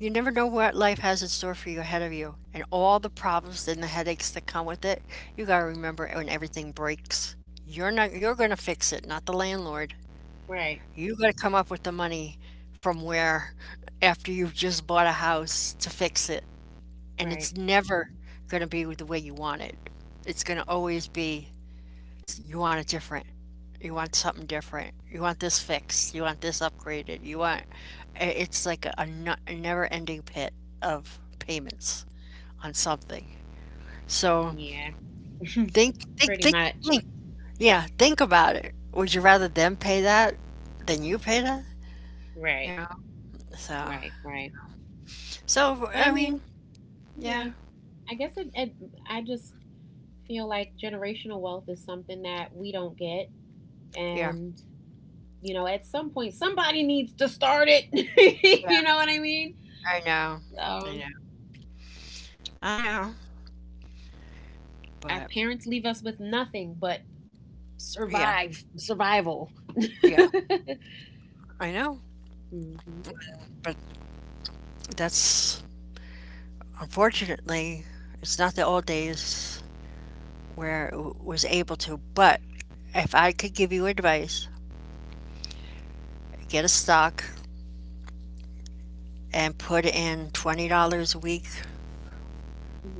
Speaker 1: you never know what life has in store for you ahead of you, and all the problems and the headaches that come with it. You gotta remember when everything breaks, you're not you're gonna fix it, not the landlord.
Speaker 2: Right.
Speaker 1: You gotta come up with the money from where after you've just bought a house to fix it, and it's
Speaker 2: Right.
Speaker 1: never going to be the way you want it. It's going to always be s- you want it different. You want something different. You want this fixed. You want this upgraded. You want i- it's like a, a no- a never-ending pit of payments on something. So
Speaker 2: Yeah.
Speaker 1: think, think,
Speaker 2: Pretty
Speaker 1: think,
Speaker 2: much.
Speaker 1: think. Yeah, think about it. Would you rather them pay that than you pay that?
Speaker 2: Right.
Speaker 1: You know. So,
Speaker 2: Right. Right.
Speaker 1: so
Speaker 2: But I
Speaker 1: I mean,
Speaker 2: mean, yeah.
Speaker 1: yeah,
Speaker 2: I guess it, it I just feel like generational wealth is something that we don't get.
Speaker 1: yeah,
Speaker 2: And, you know, at some point, somebody needs to start it. (laughs) you know
Speaker 1: yeah.
Speaker 2: what I mean?
Speaker 1: I know, I
Speaker 2: Um,
Speaker 1: know, I know.
Speaker 2: our
Speaker 1: But
Speaker 2: parents leave us with nothing but
Speaker 1: yeah,
Speaker 2: survive, survival. (laughs) mm-hmm.
Speaker 1: yeah, I know,
Speaker 2: Mm-hmm.
Speaker 1: but that's, unfortunately, it's not the old days where it w- was able to. But if I could give you advice, get a stock and put in twenty dollars a week,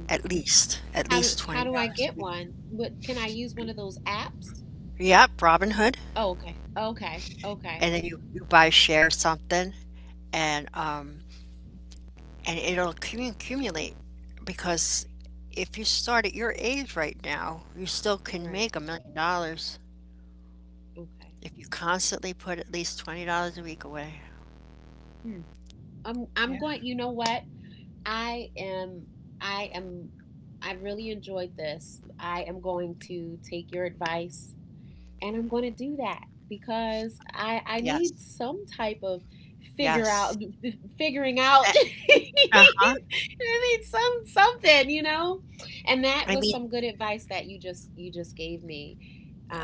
Speaker 1: at least, at
Speaker 2: How do
Speaker 1: least
Speaker 2: how do I
Speaker 1: twenty dollars
Speaker 2: get
Speaker 1: a week.
Speaker 2: one? What can I use one of those apps?
Speaker 1: Yep, Robinhood.
Speaker 2: Oh, okay, okay, okay,
Speaker 1: And then you, you buy a share or something and um and it'll accumu- accumulate because if you start at your age right now, you still can
Speaker 2: right,
Speaker 1: make a million dollars
Speaker 2: okay.
Speaker 1: if you constantly put at least twenty dollars a week away.
Speaker 2: Hmm. I'm I'm
Speaker 1: Yeah.
Speaker 2: going. You know what? I am I am I really enjoyed this. I am going to take your advice and I'm going to do that because I I need
Speaker 1: Yes.
Speaker 2: some type of figure out
Speaker 1: Yes.
Speaker 2: figuring out (laughs) I
Speaker 1: Uh-huh.
Speaker 2: need some something, you know? And that
Speaker 1: I
Speaker 2: was
Speaker 1: mean,
Speaker 2: some good advice that you just you just gave me.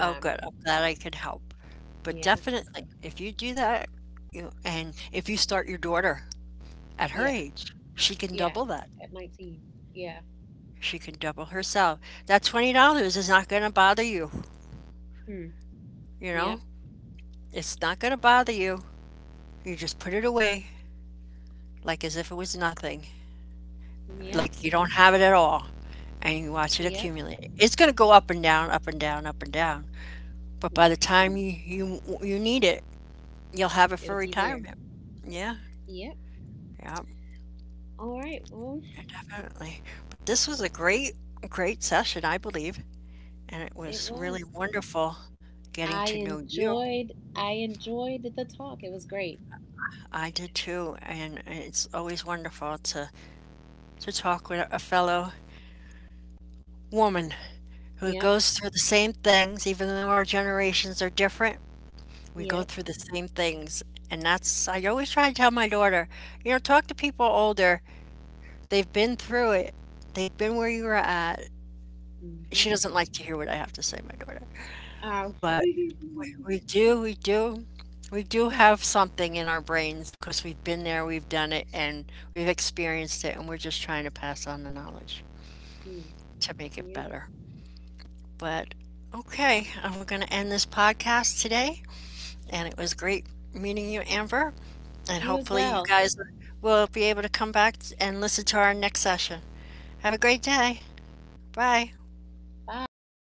Speaker 1: oh, good. I'm glad I could help. But
Speaker 2: yeah.
Speaker 1: definitely, if you do that, you and if you start your daughter at her
Speaker 2: Yeah.
Speaker 1: age, she can
Speaker 2: Yeah.
Speaker 1: double that.
Speaker 2: At nineteen. Yeah.
Speaker 1: She can double herself. That twenty dollars is not gonna bother you,
Speaker 2: Hmm.
Speaker 1: you
Speaker 2: Yep.
Speaker 1: know? It's not gonna bother you. You just put it away like as if it was nothing,
Speaker 2: Yep.
Speaker 1: like you don't have it at all, and you watch it
Speaker 2: Yep.
Speaker 1: accumulate. It's gonna go up and down, up and down, up and down. But
Speaker 2: Hmm.
Speaker 1: by the time you you you need it, you'll have it for
Speaker 2: It'll be there.
Speaker 1: retirement. Yeah,
Speaker 2: Yep.
Speaker 1: yeah,
Speaker 2: All right. Well,
Speaker 1: definitely. But this was a great, great session, I believe, and it
Speaker 2: it
Speaker 1: was really
Speaker 2: was.
Speaker 1: wonderful getting
Speaker 2: I
Speaker 1: to know you.
Speaker 2: enjoyed. I enjoyed the talk. It was great.
Speaker 1: I did too, and it's always wonderful to to talk with a fellow woman who
Speaker 2: Yep.
Speaker 1: goes through the same things, even though our generations are different. We go
Speaker 2: Yep.
Speaker 1: through the same things, and that's, I always try to tell my daughter, you know, talk to people older. They've been through it. They've been where you were at. She
Speaker 2: Mhm.
Speaker 1: doesn't like to hear what I have to say, my daughter.
Speaker 2: Um.
Speaker 1: But
Speaker 2: (laughs)
Speaker 1: we we do, we do, we do have something in our brains because we've been there, we've done it, and we've experienced it, and we're just trying to pass on the knowledge
Speaker 2: mm,
Speaker 1: to make it
Speaker 2: yep.
Speaker 1: better. But okay, I'm going to end this podcast today, and it was great meeting you, Amber. And
Speaker 2: You as
Speaker 1: hopefully, you
Speaker 2: well.
Speaker 1: guys will be able to come back and listen to our next session. Have a great day. Bye.
Speaker 2: Bye.